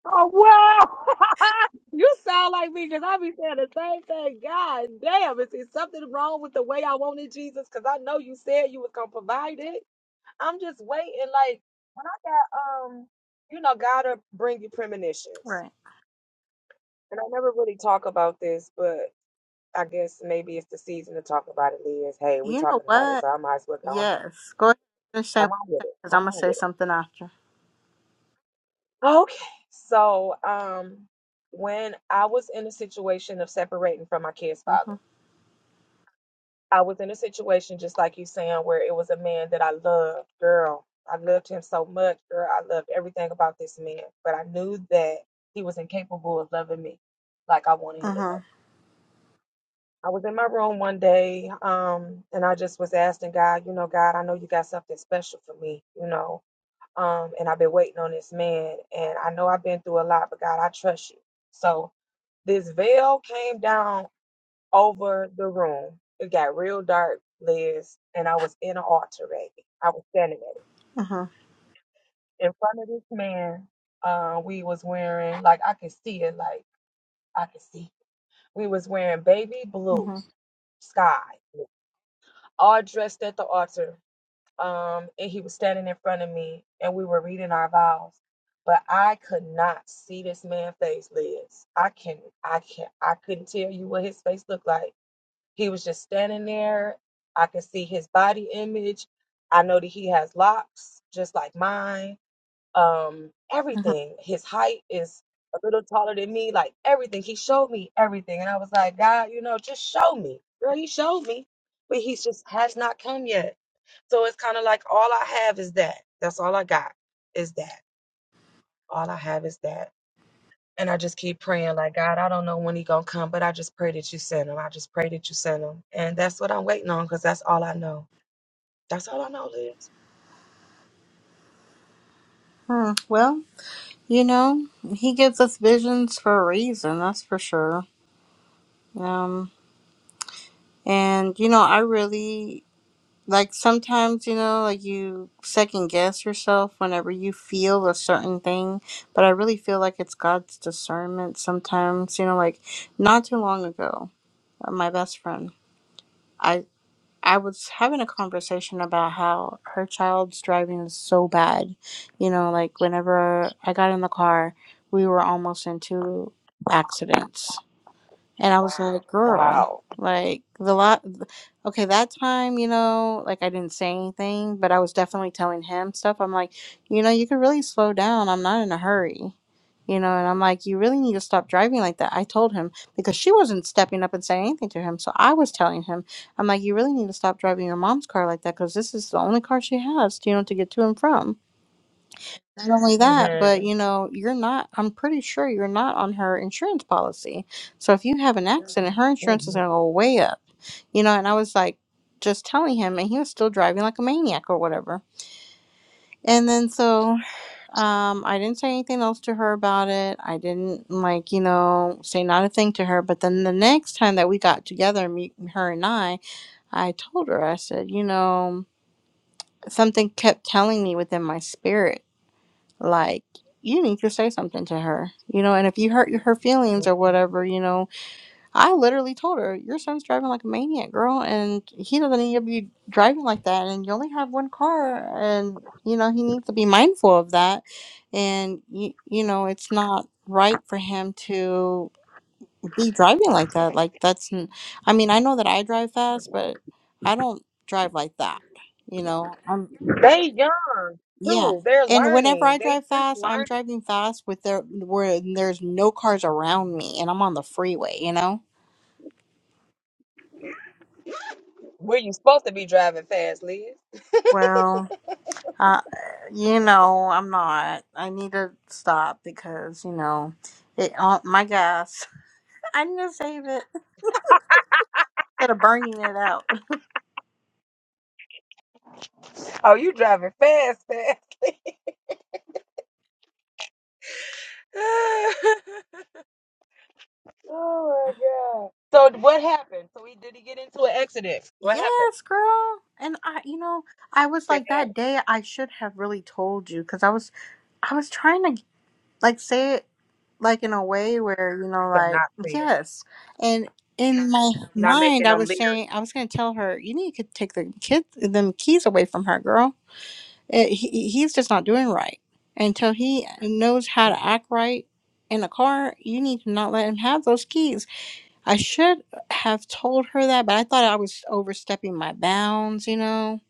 Speaker 1: oh wow you um, you know gotta bring you premonitions
Speaker 2: Right.
Speaker 1: and i never really talk about this but i guess maybe it's the season to talk about it liz hey we
Speaker 2: You know
Speaker 1: talking about it
Speaker 2: what?
Speaker 1: so i might as well go on
Speaker 2: Yes. Go ahead and say what
Speaker 1: come on with
Speaker 2: you're saying
Speaker 1: it
Speaker 2: because I'm
Speaker 1: come
Speaker 2: gonna
Speaker 1: on with
Speaker 2: say
Speaker 1: it
Speaker 2: something after.
Speaker 1: Okay. So, um, when I was in a situation of separating from my kid's
Speaker 2: Mm-hmm.
Speaker 1: father, I was in a situation just like you saying, where it was a man that I loved, girl. I loved him so much, girl. I loved everything about this man, but I knew that he was incapable of loving me like I wanted him to love.
Speaker 2: Uh-huh.
Speaker 1: me. I was in my room one day, um, and I just was asking God, you know, God, I know you got something special for me, you know. Um, and I've been waiting on this man. And I know I've been through a lot, but God, I trust you. So this veil came down over the room. It got real dark, Liz, and I was in an altar baby. I was standing at it.
Speaker 2: Uh-huh.
Speaker 1: In front of this man, uh, we was wearing like I could see it, like I could see. We was wearing baby blue
Speaker 2: Uh-huh.
Speaker 1: sky, all dressed at the altar. um, and he was standing in front of me, and we were reading our vows. But I could not see this man's face, Liz. I can, I can, I couldn't tell you what his face looked like. He was just standing there. I could see his body image. I know that he has locks, just like mine um
Speaker 2: Uh-huh.
Speaker 1: everything his height is a little taller than me like everything he showed me everything and i was like god you know just show me girl he showed me but he just has not come yet so it's kind of like all i have is that that's all i got is that all i have is that and i just keep praying like god i don't know when he gonna come but i just pray that you send him i just pray that you send him and that's what i'm waiting on because that's all i know that's all i know liz
Speaker 2: Huh. Well, you know, he gives us visions for a reason, that's for sure. Um and you know, I really like sometimes, you know, like you second guess yourself whenever you feel a certain thing, but I really feel like it's God's discernment sometimes, you know, like not too long ago, uh, my best friend. I was having a conversation about how her child's driving is so bad. You know, like whenever I got in the car, we were almost into accidents. And I was Wow. like, girl, like the lot, okay, that time, you know, like I didn't say anything, but I was definitely telling him stuff. I'm like, you know, you could really slow down. I'm not in a hurry, you know, and I'm like, you really need to stop driving like that. I told him because she wasn't stepping up and saying anything to him. So I was telling him, I'm like, you really need to stop driving your mom's car like that because this is the only car she has, you know, to get to and from. Not only that, but you know, you're not, I'm pretty sure you're not on her insurance policy. So if you have an accident, her insurance is going to go way up. You know, and I was like just telling him, and he was still driving like a maniac or whatever. And then so um, I didn't say anything else to her about it. I didn't like, you know, say not a thing to her. But then the next time that we got together, me, her and I, I told her, I said, you know, something kept telling me within my spirit like you need to say something to her you know and if you hurt her feelings or whatever you know i literally told her your son's driving like a maniac girl and he doesn't need to be driving like that and you only have one car and you know he needs to be mindful of that and you, you know it's not right for him to be driving like that like that's n- i mean i know that i drive fast but i don't drive like that you know
Speaker 1: they young
Speaker 2: yeah.
Speaker 1: too they're
Speaker 2: And whenever
Speaker 1: learning
Speaker 2: I
Speaker 1: they
Speaker 2: drive
Speaker 1: just
Speaker 2: fast,
Speaker 1: learning
Speaker 2: I'm driving fast with there where there's no cars around me and I'm on the freeway, you know? Well, uh, you know, I'm not. I need to stop because, you know, it uh, my gas. I need to save it instead of burning it out.
Speaker 1: Oh my God. So what happened? So he did he get into an accident? What happened?
Speaker 2: Yes, girl. And I, you know, I was
Speaker 1: Bad,
Speaker 2: like that day I should have really told you because I was I was trying to like say like in a way where you know
Speaker 1: but
Speaker 2: like
Speaker 1: not fair.
Speaker 2: yes and in my
Speaker 1: Not
Speaker 2: mind
Speaker 1: making
Speaker 2: i
Speaker 1: them
Speaker 2: was
Speaker 1: leery.
Speaker 2: saying i was going to tell her you need to take the kids them keys away from her girl it, he, he's just not doing right until he knows how
Speaker 1: Mm.
Speaker 2: to act right in a car you need to not let him have those keys i should have told her that but i thought i was overstepping my bounds you know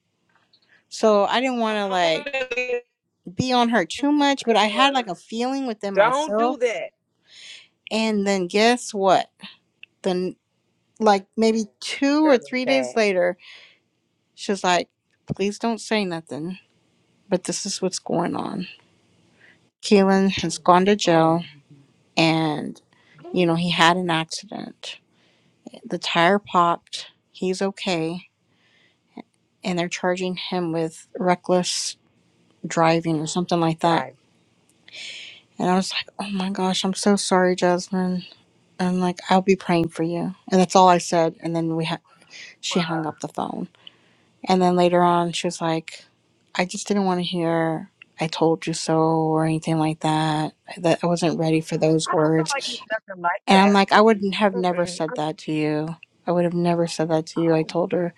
Speaker 2: so i didn't want to like be on her too much but i had
Speaker 1: Cause
Speaker 2: like a feeling within
Speaker 1: Don't do
Speaker 2: myself
Speaker 1: that.
Speaker 2: and then guess what like maybe two
Speaker 1: Girl
Speaker 2: or
Speaker 1: is
Speaker 2: three
Speaker 1: bad.
Speaker 2: days later, she was like, please don't say nothing, but this is what's going on. Keelan has gone to
Speaker 1: Oh, my
Speaker 2: jail and, you
Speaker 1: God.
Speaker 2: know, he had an accident. The tire popped. He's okay. And they're charging him with reckless driving or something like that.
Speaker 1: drive.
Speaker 2: And I was like, oh my gosh, I'm so sorry, Jasmine. And like, I'll be praying for you. And that's all I said. And then we ha-
Speaker 1: Bruh.
Speaker 2: she hung up the phone. And then later on, she was like, I just didn't want to hear I told you so or anything like that. That I wasn't ready for those
Speaker 1: I don't feel like
Speaker 2: words.
Speaker 1: it's nothing like
Speaker 2: And
Speaker 1: that.
Speaker 2: I'm like, I would not have never
Speaker 1: Mm-mm.
Speaker 2: said that to you. I would have never said that to you. I
Speaker 1: Oh.
Speaker 2: told her.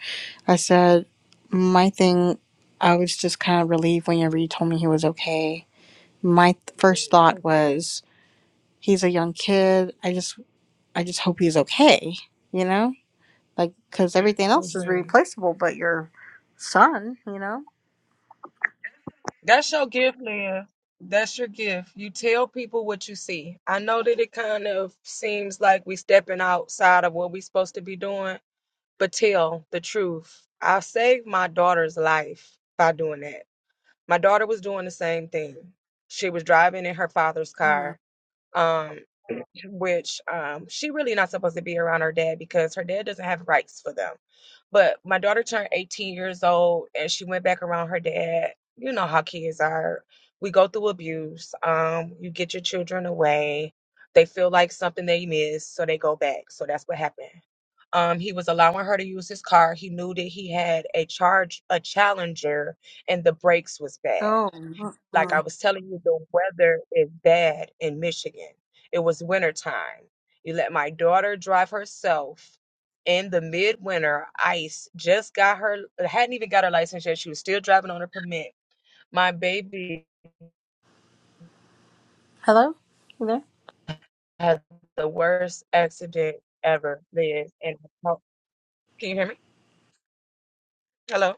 Speaker 2: I said, my thing, I was just kind of relieved whenever you told me he was okay. My th- first thought
Speaker 1: Mhm.
Speaker 2: was, he's a young kid. I just, I just hope he's okay. You know, like, cause everything else is replaceable, but your son, you know? Mm.
Speaker 1: Which um, she really not supposed to be around her dad because her dad doesn't have rights for them. But my daughter turned 18 years old and she went back around her dad. You know how kids are. We go through abuse. Um, you get your children away. They feel like something they missed, so they go back. So that's what happened. Um, he was allowing her to use his car. He knew that he had a charge, a challenger, and the brakes was bad. Like
Speaker 2: Oh.
Speaker 1: I was telling you, the weather had in Michigan. It was winter time. You let her drive her in her my
Speaker 2: Hello? You there?
Speaker 1: has the wind ever. oh, Can you hear me? Hello?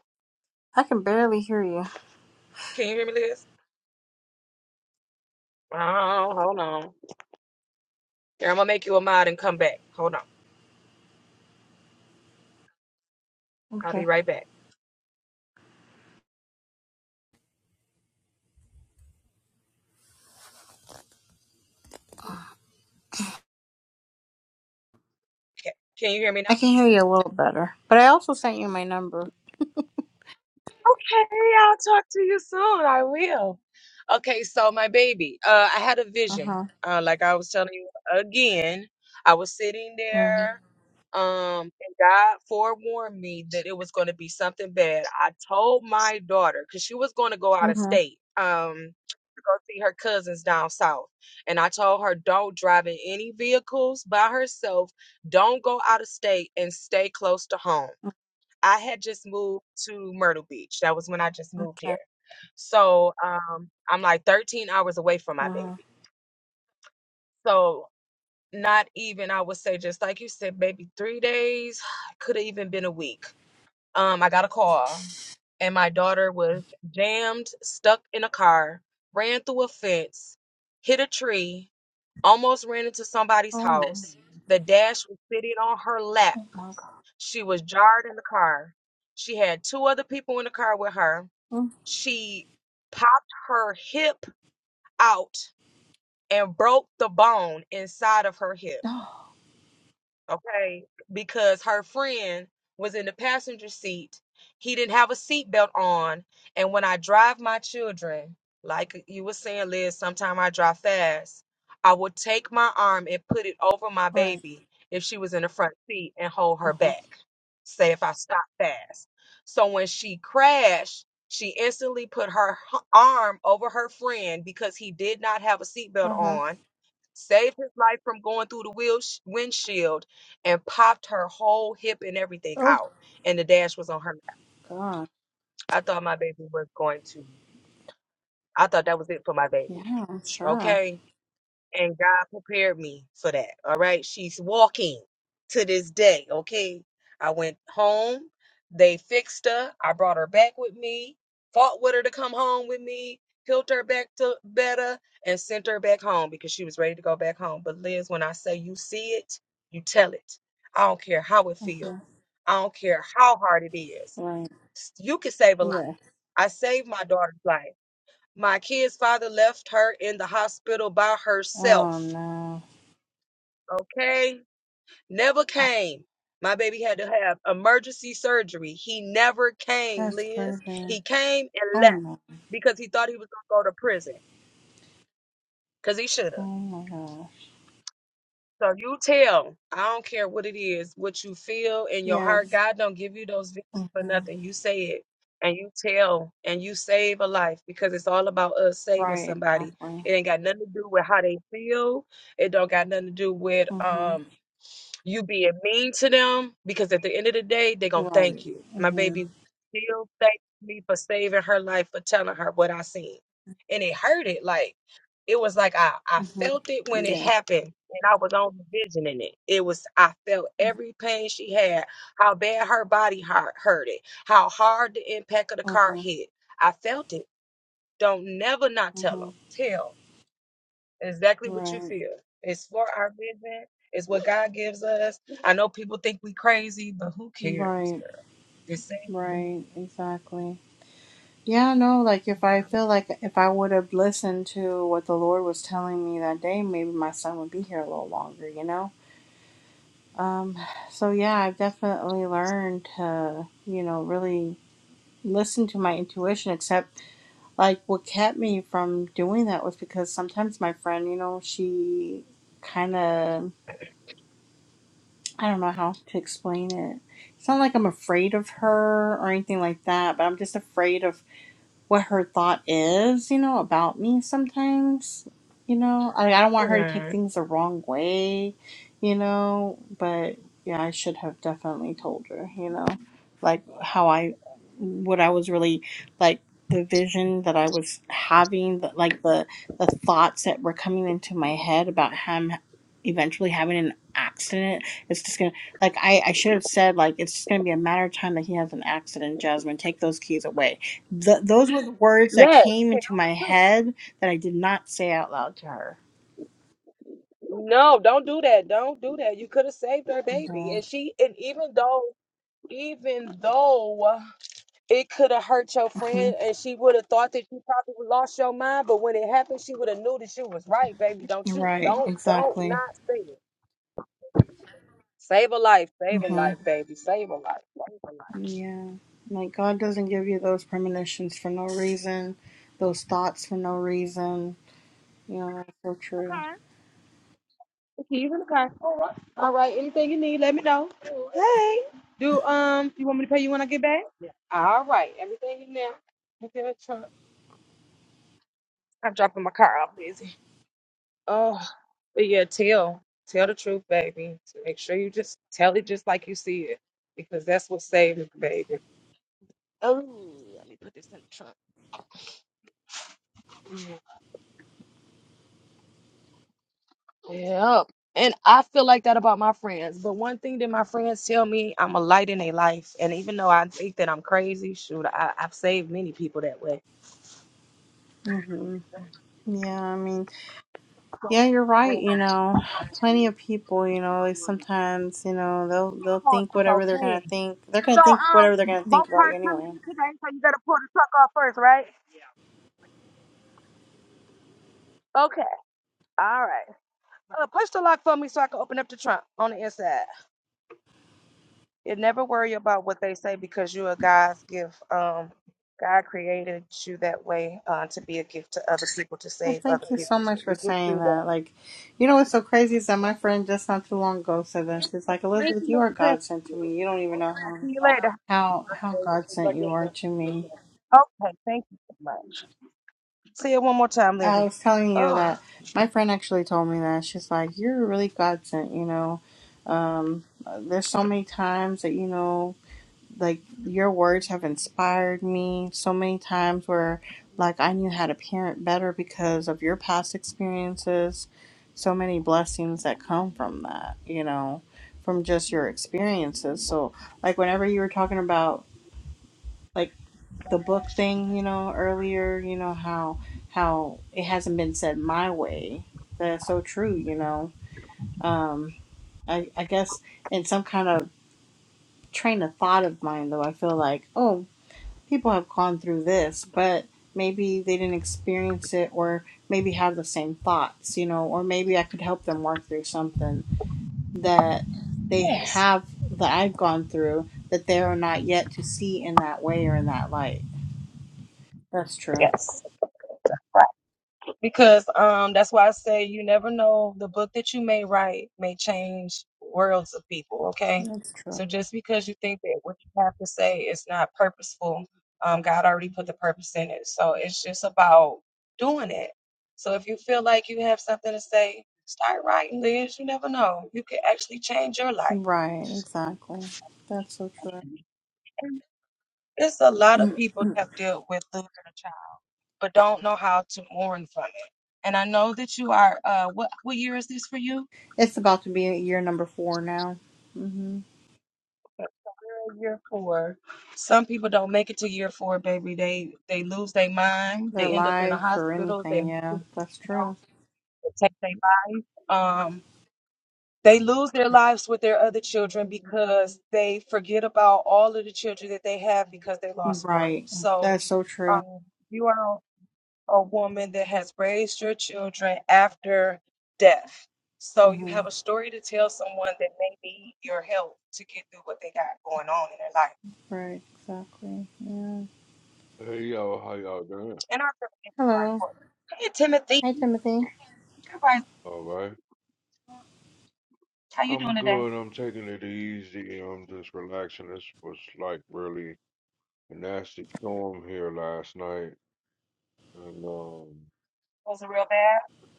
Speaker 2: I can barely hear you.
Speaker 1: Can you hear me, Liz? Oh, hold on. Here, I'm gonna make you a mod and come back. Hold on. I'll be
Speaker 2: Okay.
Speaker 1: right back. Okay. Can you hear me now?
Speaker 2: I can hear you a little better. But I also sent you my number.
Speaker 1: Okay, I'll talk to you soon. I will. Okay, so my baby, uh, I had a
Speaker 2: Uh
Speaker 1: vision.
Speaker 2: huh.
Speaker 1: Uh, like I was telling you again, I was sitting
Speaker 2: Mm
Speaker 1: there. Um, and God forewarned me that it was going to be something bad. I told my daughter because she was going to go
Speaker 2: hmm.
Speaker 1: out of
Speaker 2: Mm
Speaker 1: state, um, to go see her cousins down south. And I told her, don't drive in any vehicles by herself, don't go out of state, and stay close to home.
Speaker 2: hmm.
Speaker 1: I had just moved to Myrtle Beach. That was when I just moved here.
Speaker 2: Okay.
Speaker 1: So um, I'm like 13 hours away from my
Speaker 2: Mm hmm.
Speaker 1: baby. So not even i would say just like you said maybe three days could have even been a week um i got a call and my daughter was jammed stuck in a car ran through a fence hit a tree almost ran into somebody's
Speaker 2: Oh my.
Speaker 1: house the dash was sitting on her lap
Speaker 2: Oh my god.
Speaker 1: she was jarred in the car she had two other people in the car with her
Speaker 2: Mm.
Speaker 1: she popped her hip out and broke the bone inside of her hip
Speaker 2: Oh,
Speaker 1: okay? Because her friend was in the passenger seat. He didn't have a seatbelt on. And when I drive my children, like you were saying, Liz, sometime I drive fast, I would take my arm and put it over my
Speaker 2: right.
Speaker 1: baby if she was in the front seat and hold
Speaker 2: Uh
Speaker 1: her
Speaker 2: huh.
Speaker 1: back. Say if I stop fast. So when she crashed, she instantly put her h- arm over her friend because he did not have a seatbelt
Speaker 2: Uh huh.
Speaker 1: on saved his life from going through the wheel sh- windshield and popped her whole hip and everything
Speaker 2: Oh
Speaker 1: out. And the dash was on her.
Speaker 2: god.
Speaker 1: I thought my baby was going to, I thought that was it for my baby.
Speaker 2: Yeah, I'm sure.
Speaker 1: Okay. and God prepared me for that. All right. She's walking to this day. Okay. I went home. They fixed her. I brought her back with me, fought with her to come home with me, healed her back to better, and sent her back home because she was ready to go back home. But Liz, when I say you see it, you tell it. I don't care how it
Speaker 2: Uh
Speaker 1: feels.
Speaker 2: huh.
Speaker 1: I don't care how hard it is.
Speaker 2: Right.
Speaker 1: S- You can save a life.
Speaker 2: Yeah.
Speaker 1: I saved my daughter's life. My kid's father left her in the hospital by
Speaker 2: Oh
Speaker 1: herself
Speaker 2: no.
Speaker 1: okay? Never came. My baby had to have emergency surgery. He never came,
Speaker 2: That's
Speaker 1: Liz.
Speaker 2: crazy.
Speaker 1: He came and
Speaker 2: Oh
Speaker 1: left
Speaker 2: no.
Speaker 1: because he thought he was going to go to prison because he should
Speaker 2: Oh
Speaker 1: have.
Speaker 2: my god.
Speaker 1: So you tell, I don't care what it is, what you feel in your heart.
Speaker 2: Yes.
Speaker 1: God don't give you those visions
Speaker 2: Mm
Speaker 1: for
Speaker 2: hmm.
Speaker 1: nothing. You say it and you tell and you save a life because it's all about us saving
Speaker 2: Right.
Speaker 1: somebody.
Speaker 2: Exactly.
Speaker 1: It ain't got nothing to do with how they feel. It don't got nothing to do with
Speaker 2: Mm hmm.
Speaker 1: um You being mean to them because at the end of the day, they're going to
Speaker 2: Right.
Speaker 1: thank you.
Speaker 2: Mm
Speaker 1: My
Speaker 2: hmm.
Speaker 1: baby still thanks me for saving her life, for telling her what I seen. And it hurted. Like, it was like I, I
Speaker 2: Mm hmm.
Speaker 1: felt it when
Speaker 2: Yes.
Speaker 1: it happened and I was only visioning it. It was, I felt every pain she had, how bad her body hurt, hurted, how hard the impact of the car
Speaker 2: Uh-huh,
Speaker 1: hit. I felt it. Don't never not tell them.
Speaker 2: uh-huh.
Speaker 1: Tell exactly what you
Speaker 2: Right,
Speaker 1: feel. It's for our vision. It's what God gives us. I know people think we crazy, but who cares,
Speaker 2: right,
Speaker 1: girl? It's
Speaker 2: right,
Speaker 1: same.
Speaker 2: exactly. Yeah, no, like if I feel like if I would have listened to what the Lord was telling me that day, maybe my son would be here a little longer, you know? Um, so yeah, I've definitely learned to, you know, really listen to my intuition, except like what kept me from doing that was because sometimes my friend, you know, she kind of I don't know how to explain it. It's not like I'm afraid of her or anything like that, but I'm just afraid of what her thought is, you know, about me sometimes. You know, I, I don't want her to take things the wrong way, you know, but yeah, I should have definitely told her, you know, like how I, what I was really like the vision that I was having, that like the the thoughts that were coming into my head about him eventually having an accident. It's just gonna like I I should have said like it's just gonna be a matter of time that he has an accident. Jasmine, take those keys away Th- those were the words that
Speaker 1: Yes. Tell
Speaker 2: came into my
Speaker 1: the truth.
Speaker 2: head that I did not say out loud to her.
Speaker 1: No, don't do that. Don't do that. You could have saved her
Speaker 2: And, uh,
Speaker 1: baby. And she and even though even though it could have hurt your
Speaker 2: mhm.
Speaker 1: friend and she would have thought that you probably lost your mind, but when it happened, she would have knew that you was right, baby. Don't you
Speaker 2: Right,
Speaker 1: don't don't not
Speaker 2: exactly.
Speaker 1: say it. Save a life, save a
Speaker 2: hmm
Speaker 1: life, baby. Save a life. Save a life.
Speaker 2: Yeah. Like, God doesn't give you those premonitions for no reason, those thoughts for no reason. You know, that's so true.
Speaker 1: All right. Anything you need, let me know. Hey. Do um you want me to pay you when I get back? Yeah. All right. Everything in there. Look at the truck. I'm dropping my car off busy. Oh, but yeah, tell. Tell the truth, baby. So make sure you just tell it just like you see it. Because that's what saved it, baby. Oh, let me put this in the trunk. Mm, Yep. And I feel like that about my friends. But one thing that my friends tell me, I'm a light in their life. And even though I think that I'm crazy, shoot, I, I've saved many people that way.
Speaker 2: hmm Yeah, I mean, yeah, you're right. You
Speaker 1: Oh,
Speaker 2: know, plenty of people, you know, like sometimes, you know, they'll they'll
Speaker 1: oh,
Speaker 2: think
Speaker 1: it's
Speaker 2: whatever they're gonna
Speaker 1: okay.
Speaker 2: think. They're
Speaker 1: So,
Speaker 2: gonna think
Speaker 1: um,
Speaker 2: whatever they're gonna
Speaker 1: both
Speaker 2: think about you
Speaker 1: parts coming
Speaker 2: anyway.
Speaker 1: in today, so you gotta pull the truck off first, right? All right. Uh, push the lock for me so I can open up the trunk on the inside. You never worry about what they say because you're a God's gift. Um, God created you that way uh, to be a gift to other people, to
Speaker 2: Well,
Speaker 1: save other
Speaker 2: thank you so
Speaker 1: people.
Speaker 2: much for saying that. Like, you know what's so crazy is that my friend just not too long ago said that she's like,
Speaker 1: Thank
Speaker 2: Elizabeth,
Speaker 1: you,
Speaker 2: you are
Speaker 1: Mr. Prince.
Speaker 2: God sent to me. You don't even know
Speaker 1: I'll
Speaker 2: how
Speaker 1: see you later.
Speaker 2: how how God sent you are to me.
Speaker 1: Okay, thank you so much. I'm
Speaker 2: I
Speaker 1: Lizzie.
Speaker 2: was telling you that my friend actually told me that she's like, you're really God sent. You know, um, there's so many times that you know. like your words have inspired me so many times where like I knew how to parent better because of your past experiences. So many blessings that come from that, you know, from just your experiences. So like whenever you were talking about like the book thing, you know, earlier, you know how how it hasn't been said my way. That's so true, you know. Um I I guess in some kind of train of thought of mine though, I feel like, oh. people have gone through this, but maybe they didn't experience it or maybe have the same thoughts, you know, or maybe I could help them work through something that they have that I've gone through that they are not yet to see in that way or in that light. That's true. That's true.
Speaker 1: So just because you think that what you have to say is not purposeful, um, God already put the purpose in it. So it's just about doing it. So if you feel like you have something to say, start writing, Liz. You never know. You could actually change your life.
Speaker 2: Right, exactly. That's so
Speaker 1: There's a lot of
Speaker 2: true.
Speaker 1: people that have a child, but don't know how to mourn from. it. And I know that
Speaker 2: it's about to be year number four now. hmm
Speaker 1: you're in year four. Some people don't make it to year four, baby. They they lose their mind.
Speaker 2: Their
Speaker 1: They end up in a
Speaker 2: life or
Speaker 1: hospital. They
Speaker 2: anything,
Speaker 1: you
Speaker 2: yeah, that's
Speaker 1: know,
Speaker 2: true.
Speaker 1: they take their life. Um, They lose their lives with their other children because they forget about all of the children that they have because they lost one.
Speaker 2: Right,
Speaker 1: So,
Speaker 2: that's so true.
Speaker 1: um, you are a woman that has raised your children after death. So, you
Speaker 2: Mm-hmm.
Speaker 1: have a story to tell someone that may need your help to get through what they got going on in their life.
Speaker 2: Right, exactly. Yeah.
Speaker 5: Hey y'all, how y'all doing?
Speaker 1: And our preparations are
Speaker 2: Hello.
Speaker 1: important.
Speaker 2: Hi, Timothy.
Speaker 5: All right. I'm good. I'm taking it easy. I'm just relaxing. This was like really a nasty storm here last night, and um,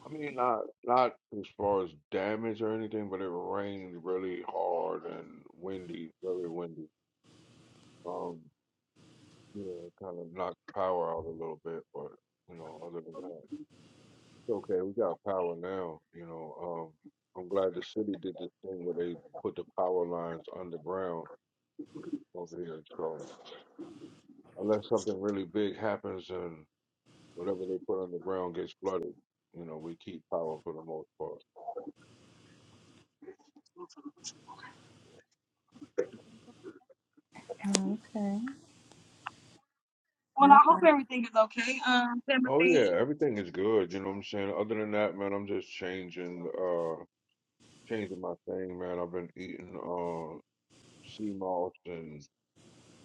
Speaker 5: I mean not not as far as damage or anything, but it rained really hard and windy, very windy. Um, yeah, kind of knocked power out a little bit, but you know, other than that. Okay, we got power now. You know, um, I'm glad the city did this thing where they put the power lines underground over here. So unless something really big happens and whatever they put underground gets flooded, you know, we keep power for the most part.
Speaker 2: Oh, okay.
Speaker 1: Well,
Speaker 2: Yeah.
Speaker 1: I hope everything is okay, um,
Speaker 5: Oh
Speaker 1: Timothy.
Speaker 5: yeah, everything is good. You know what I'm saying. Other than that, man, I'm just changing, uh, changing my thing, man. I've been eating uh sea moss and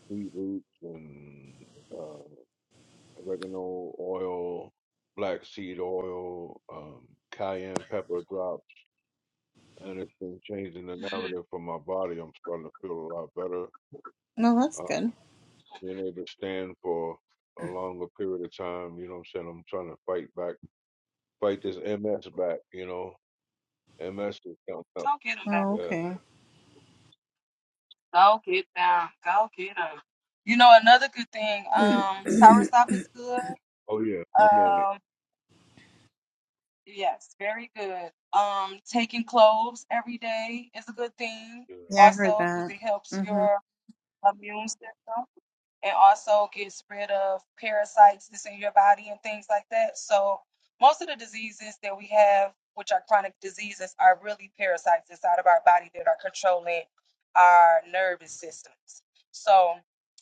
Speaker 5: sweet roots and uh, oregano oil, black seed oil, um, cayenne pepper drops, and it's been changing the narrative for my body. I'm starting to feel a lot better.
Speaker 2: No, that's
Speaker 5: Um,
Speaker 2: good.
Speaker 5: being able to stand for a longer period of time, you know what I'm saying? I'm trying to fight back, fight this MS back, you know? MS is coming up.
Speaker 1: Go get him, baby.
Speaker 2: Oh,
Speaker 5: Yeah.
Speaker 2: okay.
Speaker 1: Go get down. Go get him. You know, another good thing, um, soursop is good.
Speaker 5: Oh, yeah. I'm on it.
Speaker 1: Um, yes, very good. Um, taking cloves every day is a good thing
Speaker 5: Yeah.
Speaker 2: Yeah, I heard
Speaker 1: also because
Speaker 2: that.
Speaker 1: it helps
Speaker 2: Mm-hmm.
Speaker 1: your immune system. It also gets rid of parasites that's in your body and things like that. So most of the diseases that we have, which are chronic diseases, are really parasites inside of our body that are controlling our nervous systems. So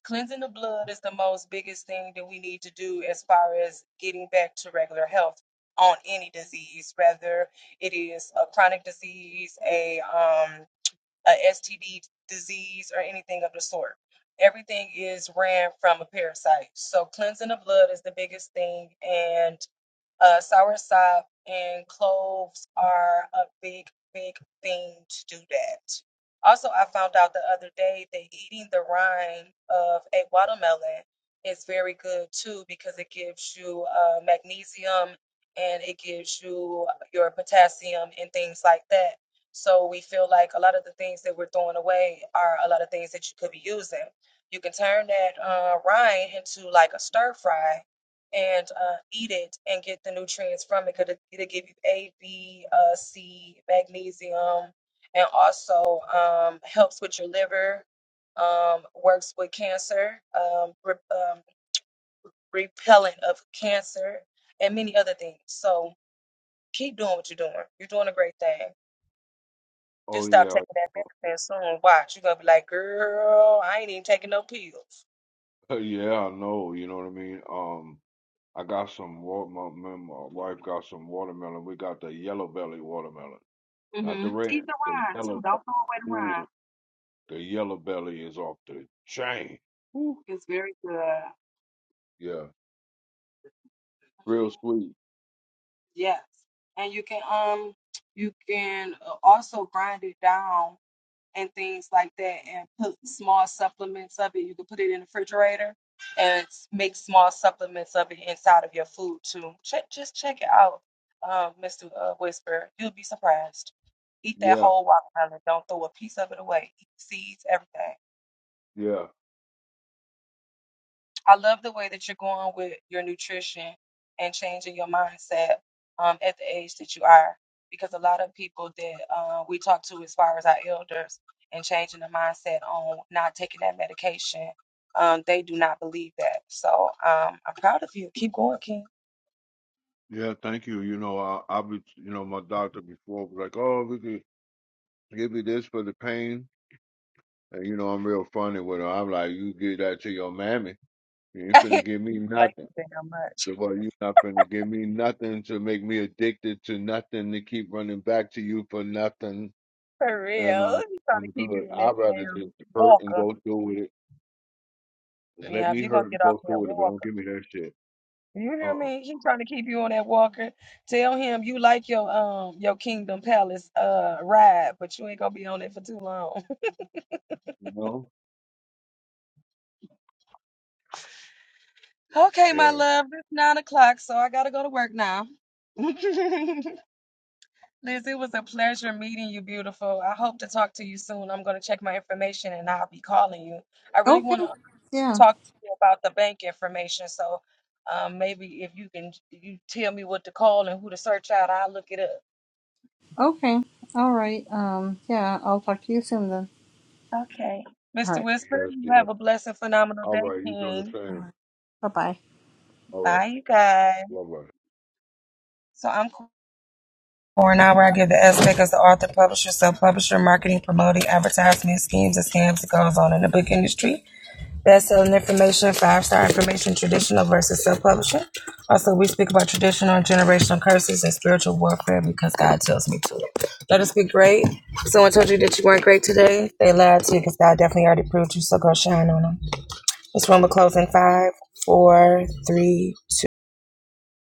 Speaker 1: cleansing the blood is the most biggest thing that we need to do as far as getting back to regular health on any disease, whether it is a chronic disease, a um a STD disease or anything of the sort. Everything is ran from a parasite. So cleansing the blood is the biggest thing, and uh, sour salves are a big, big thing. Also, uh, is um, and it gives you your potassium and things like that. So we feel like a lot of the things that we're throwing away are a lot of things that you could be using. You can turn that uh, rind into like a stir fry and uh, eat it and get the nutrients from it. Could it'll give you A, B, uh, C, magnesium, and also um, helps with your liver. Um, works with cancer, um, re- um, repellent of cancer, and many other things. So keep doing what you're doing. You're doing a great thing. Just
Speaker 5: Oh,
Speaker 1: stop
Speaker 5: yeah.
Speaker 1: taking that medicine soon. Watch, you're gonna be like, girl, I ain't even taking no pills.
Speaker 5: Yeah, I know. You know what I mean? Um, I got some water. My, my my wife got some watermelon. We got the yellow belly watermelon. Not the red, the yellow
Speaker 1: Don't get me
Speaker 5: belly. Ooh,
Speaker 1: wrong.
Speaker 5: the yellow belly is off the chain. Ooh,
Speaker 1: It's very good.
Speaker 5: yeah, real sweet.
Speaker 1: Yes, and you can um you can uh, also grind it down and things like that, and put small supplements of it. You can put it in the refrigerator and s- make small supplements of it inside of your food too. Check, just check it out, um, Mister uh, Whisper. You'll be surprised. Eat that
Speaker 5: Yeah,
Speaker 1: whole watermelon. Don't throw a piece of it away. Eat the seeds, everything.
Speaker 5: yeah,
Speaker 1: I love the way that you're going with your nutrition and changing your mindset um, at the age that you are, because a lot of people that uh, we talk to, as far as our elders, and changing the mindset on not taking that medication, um, they do not believe that. So um, I'm proud of you. Keep going, King.
Speaker 5: yeah. Thank you. You know, I, I be, you know, my doctor before was like, oh, we could give you this for the pain, and you know, I'm real funny with her. I'm like, you give that to your mammy. You ain't
Speaker 1: Thank
Speaker 5: finna
Speaker 1: you
Speaker 5: give me nothing.
Speaker 1: damn much.
Speaker 5: She Well, you not finna give me nothing to make me addicted to nothing to keep running back to you for nothing.
Speaker 1: For
Speaker 5: And
Speaker 1: real.
Speaker 5: uh,
Speaker 1: He's trying to
Speaker 5: I'm
Speaker 1: keep
Speaker 5: good.
Speaker 1: you in that
Speaker 5: I'd rather just
Speaker 1: damn
Speaker 5: hurt and
Speaker 1: walker.
Speaker 5: go through with it Just let
Speaker 1: Yeah, if
Speaker 5: me
Speaker 1: you're gonna
Speaker 5: hurt and
Speaker 1: get off
Speaker 5: go through
Speaker 1: that
Speaker 5: with it, but don't
Speaker 1: walker.
Speaker 5: give me that shit.
Speaker 1: You
Speaker 5: Uh
Speaker 1: hear
Speaker 5: uh
Speaker 1: me? Tell him you like your um your Kingdom Palace uh ride, but you ain't gonna be on it for too long.
Speaker 5: You know?
Speaker 1: Okay, my
Speaker 5: Yeah,
Speaker 1: love, it's nine o'clock, so I gotta go to work now. Liz, it was a pleasure meeting you, beautiful. I hope to talk to you soon. I'm gonna check my information and I'll be calling you. I really
Speaker 2: Okay.
Speaker 1: wanna
Speaker 2: Yeah.
Speaker 1: talk to you about the bank information, so um maybe if you can you tell me what to call and who to search out, I'll look it up.
Speaker 2: Okay. All right. Um, yeah, I'll talk to you soon then.
Speaker 1: Okay.
Speaker 2: All
Speaker 1: Mr.
Speaker 2: right.
Speaker 1: Whisper,
Speaker 5: yes,
Speaker 1: you
Speaker 5: yes.
Speaker 1: have a blessed, phenomenal
Speaker 5: All
Speaker 1: day,
Speaker 5: right, you do the
Speaker 1: King.
Speaker 2: All
Speaker 5: same.
Speaker 2: right. Bye-bye.
Speaker 5: All right, bye bye.
Speaker 1: So I'm Cora now where I give the aspect as the author, publisher, self-publisher, marketing, promoting, advertisement, schemes, and scams that goes on in the book industry. Best-selling information, five-star information, traditional versus self-publishing. Also, we speak about traditional and generational curses and spiritual warfare because God tells me to. Let us be great. If someone told you that you weren't great today, they lied to you because God definitely already proved you, so go shine on them. This one will close in five, four, three, two.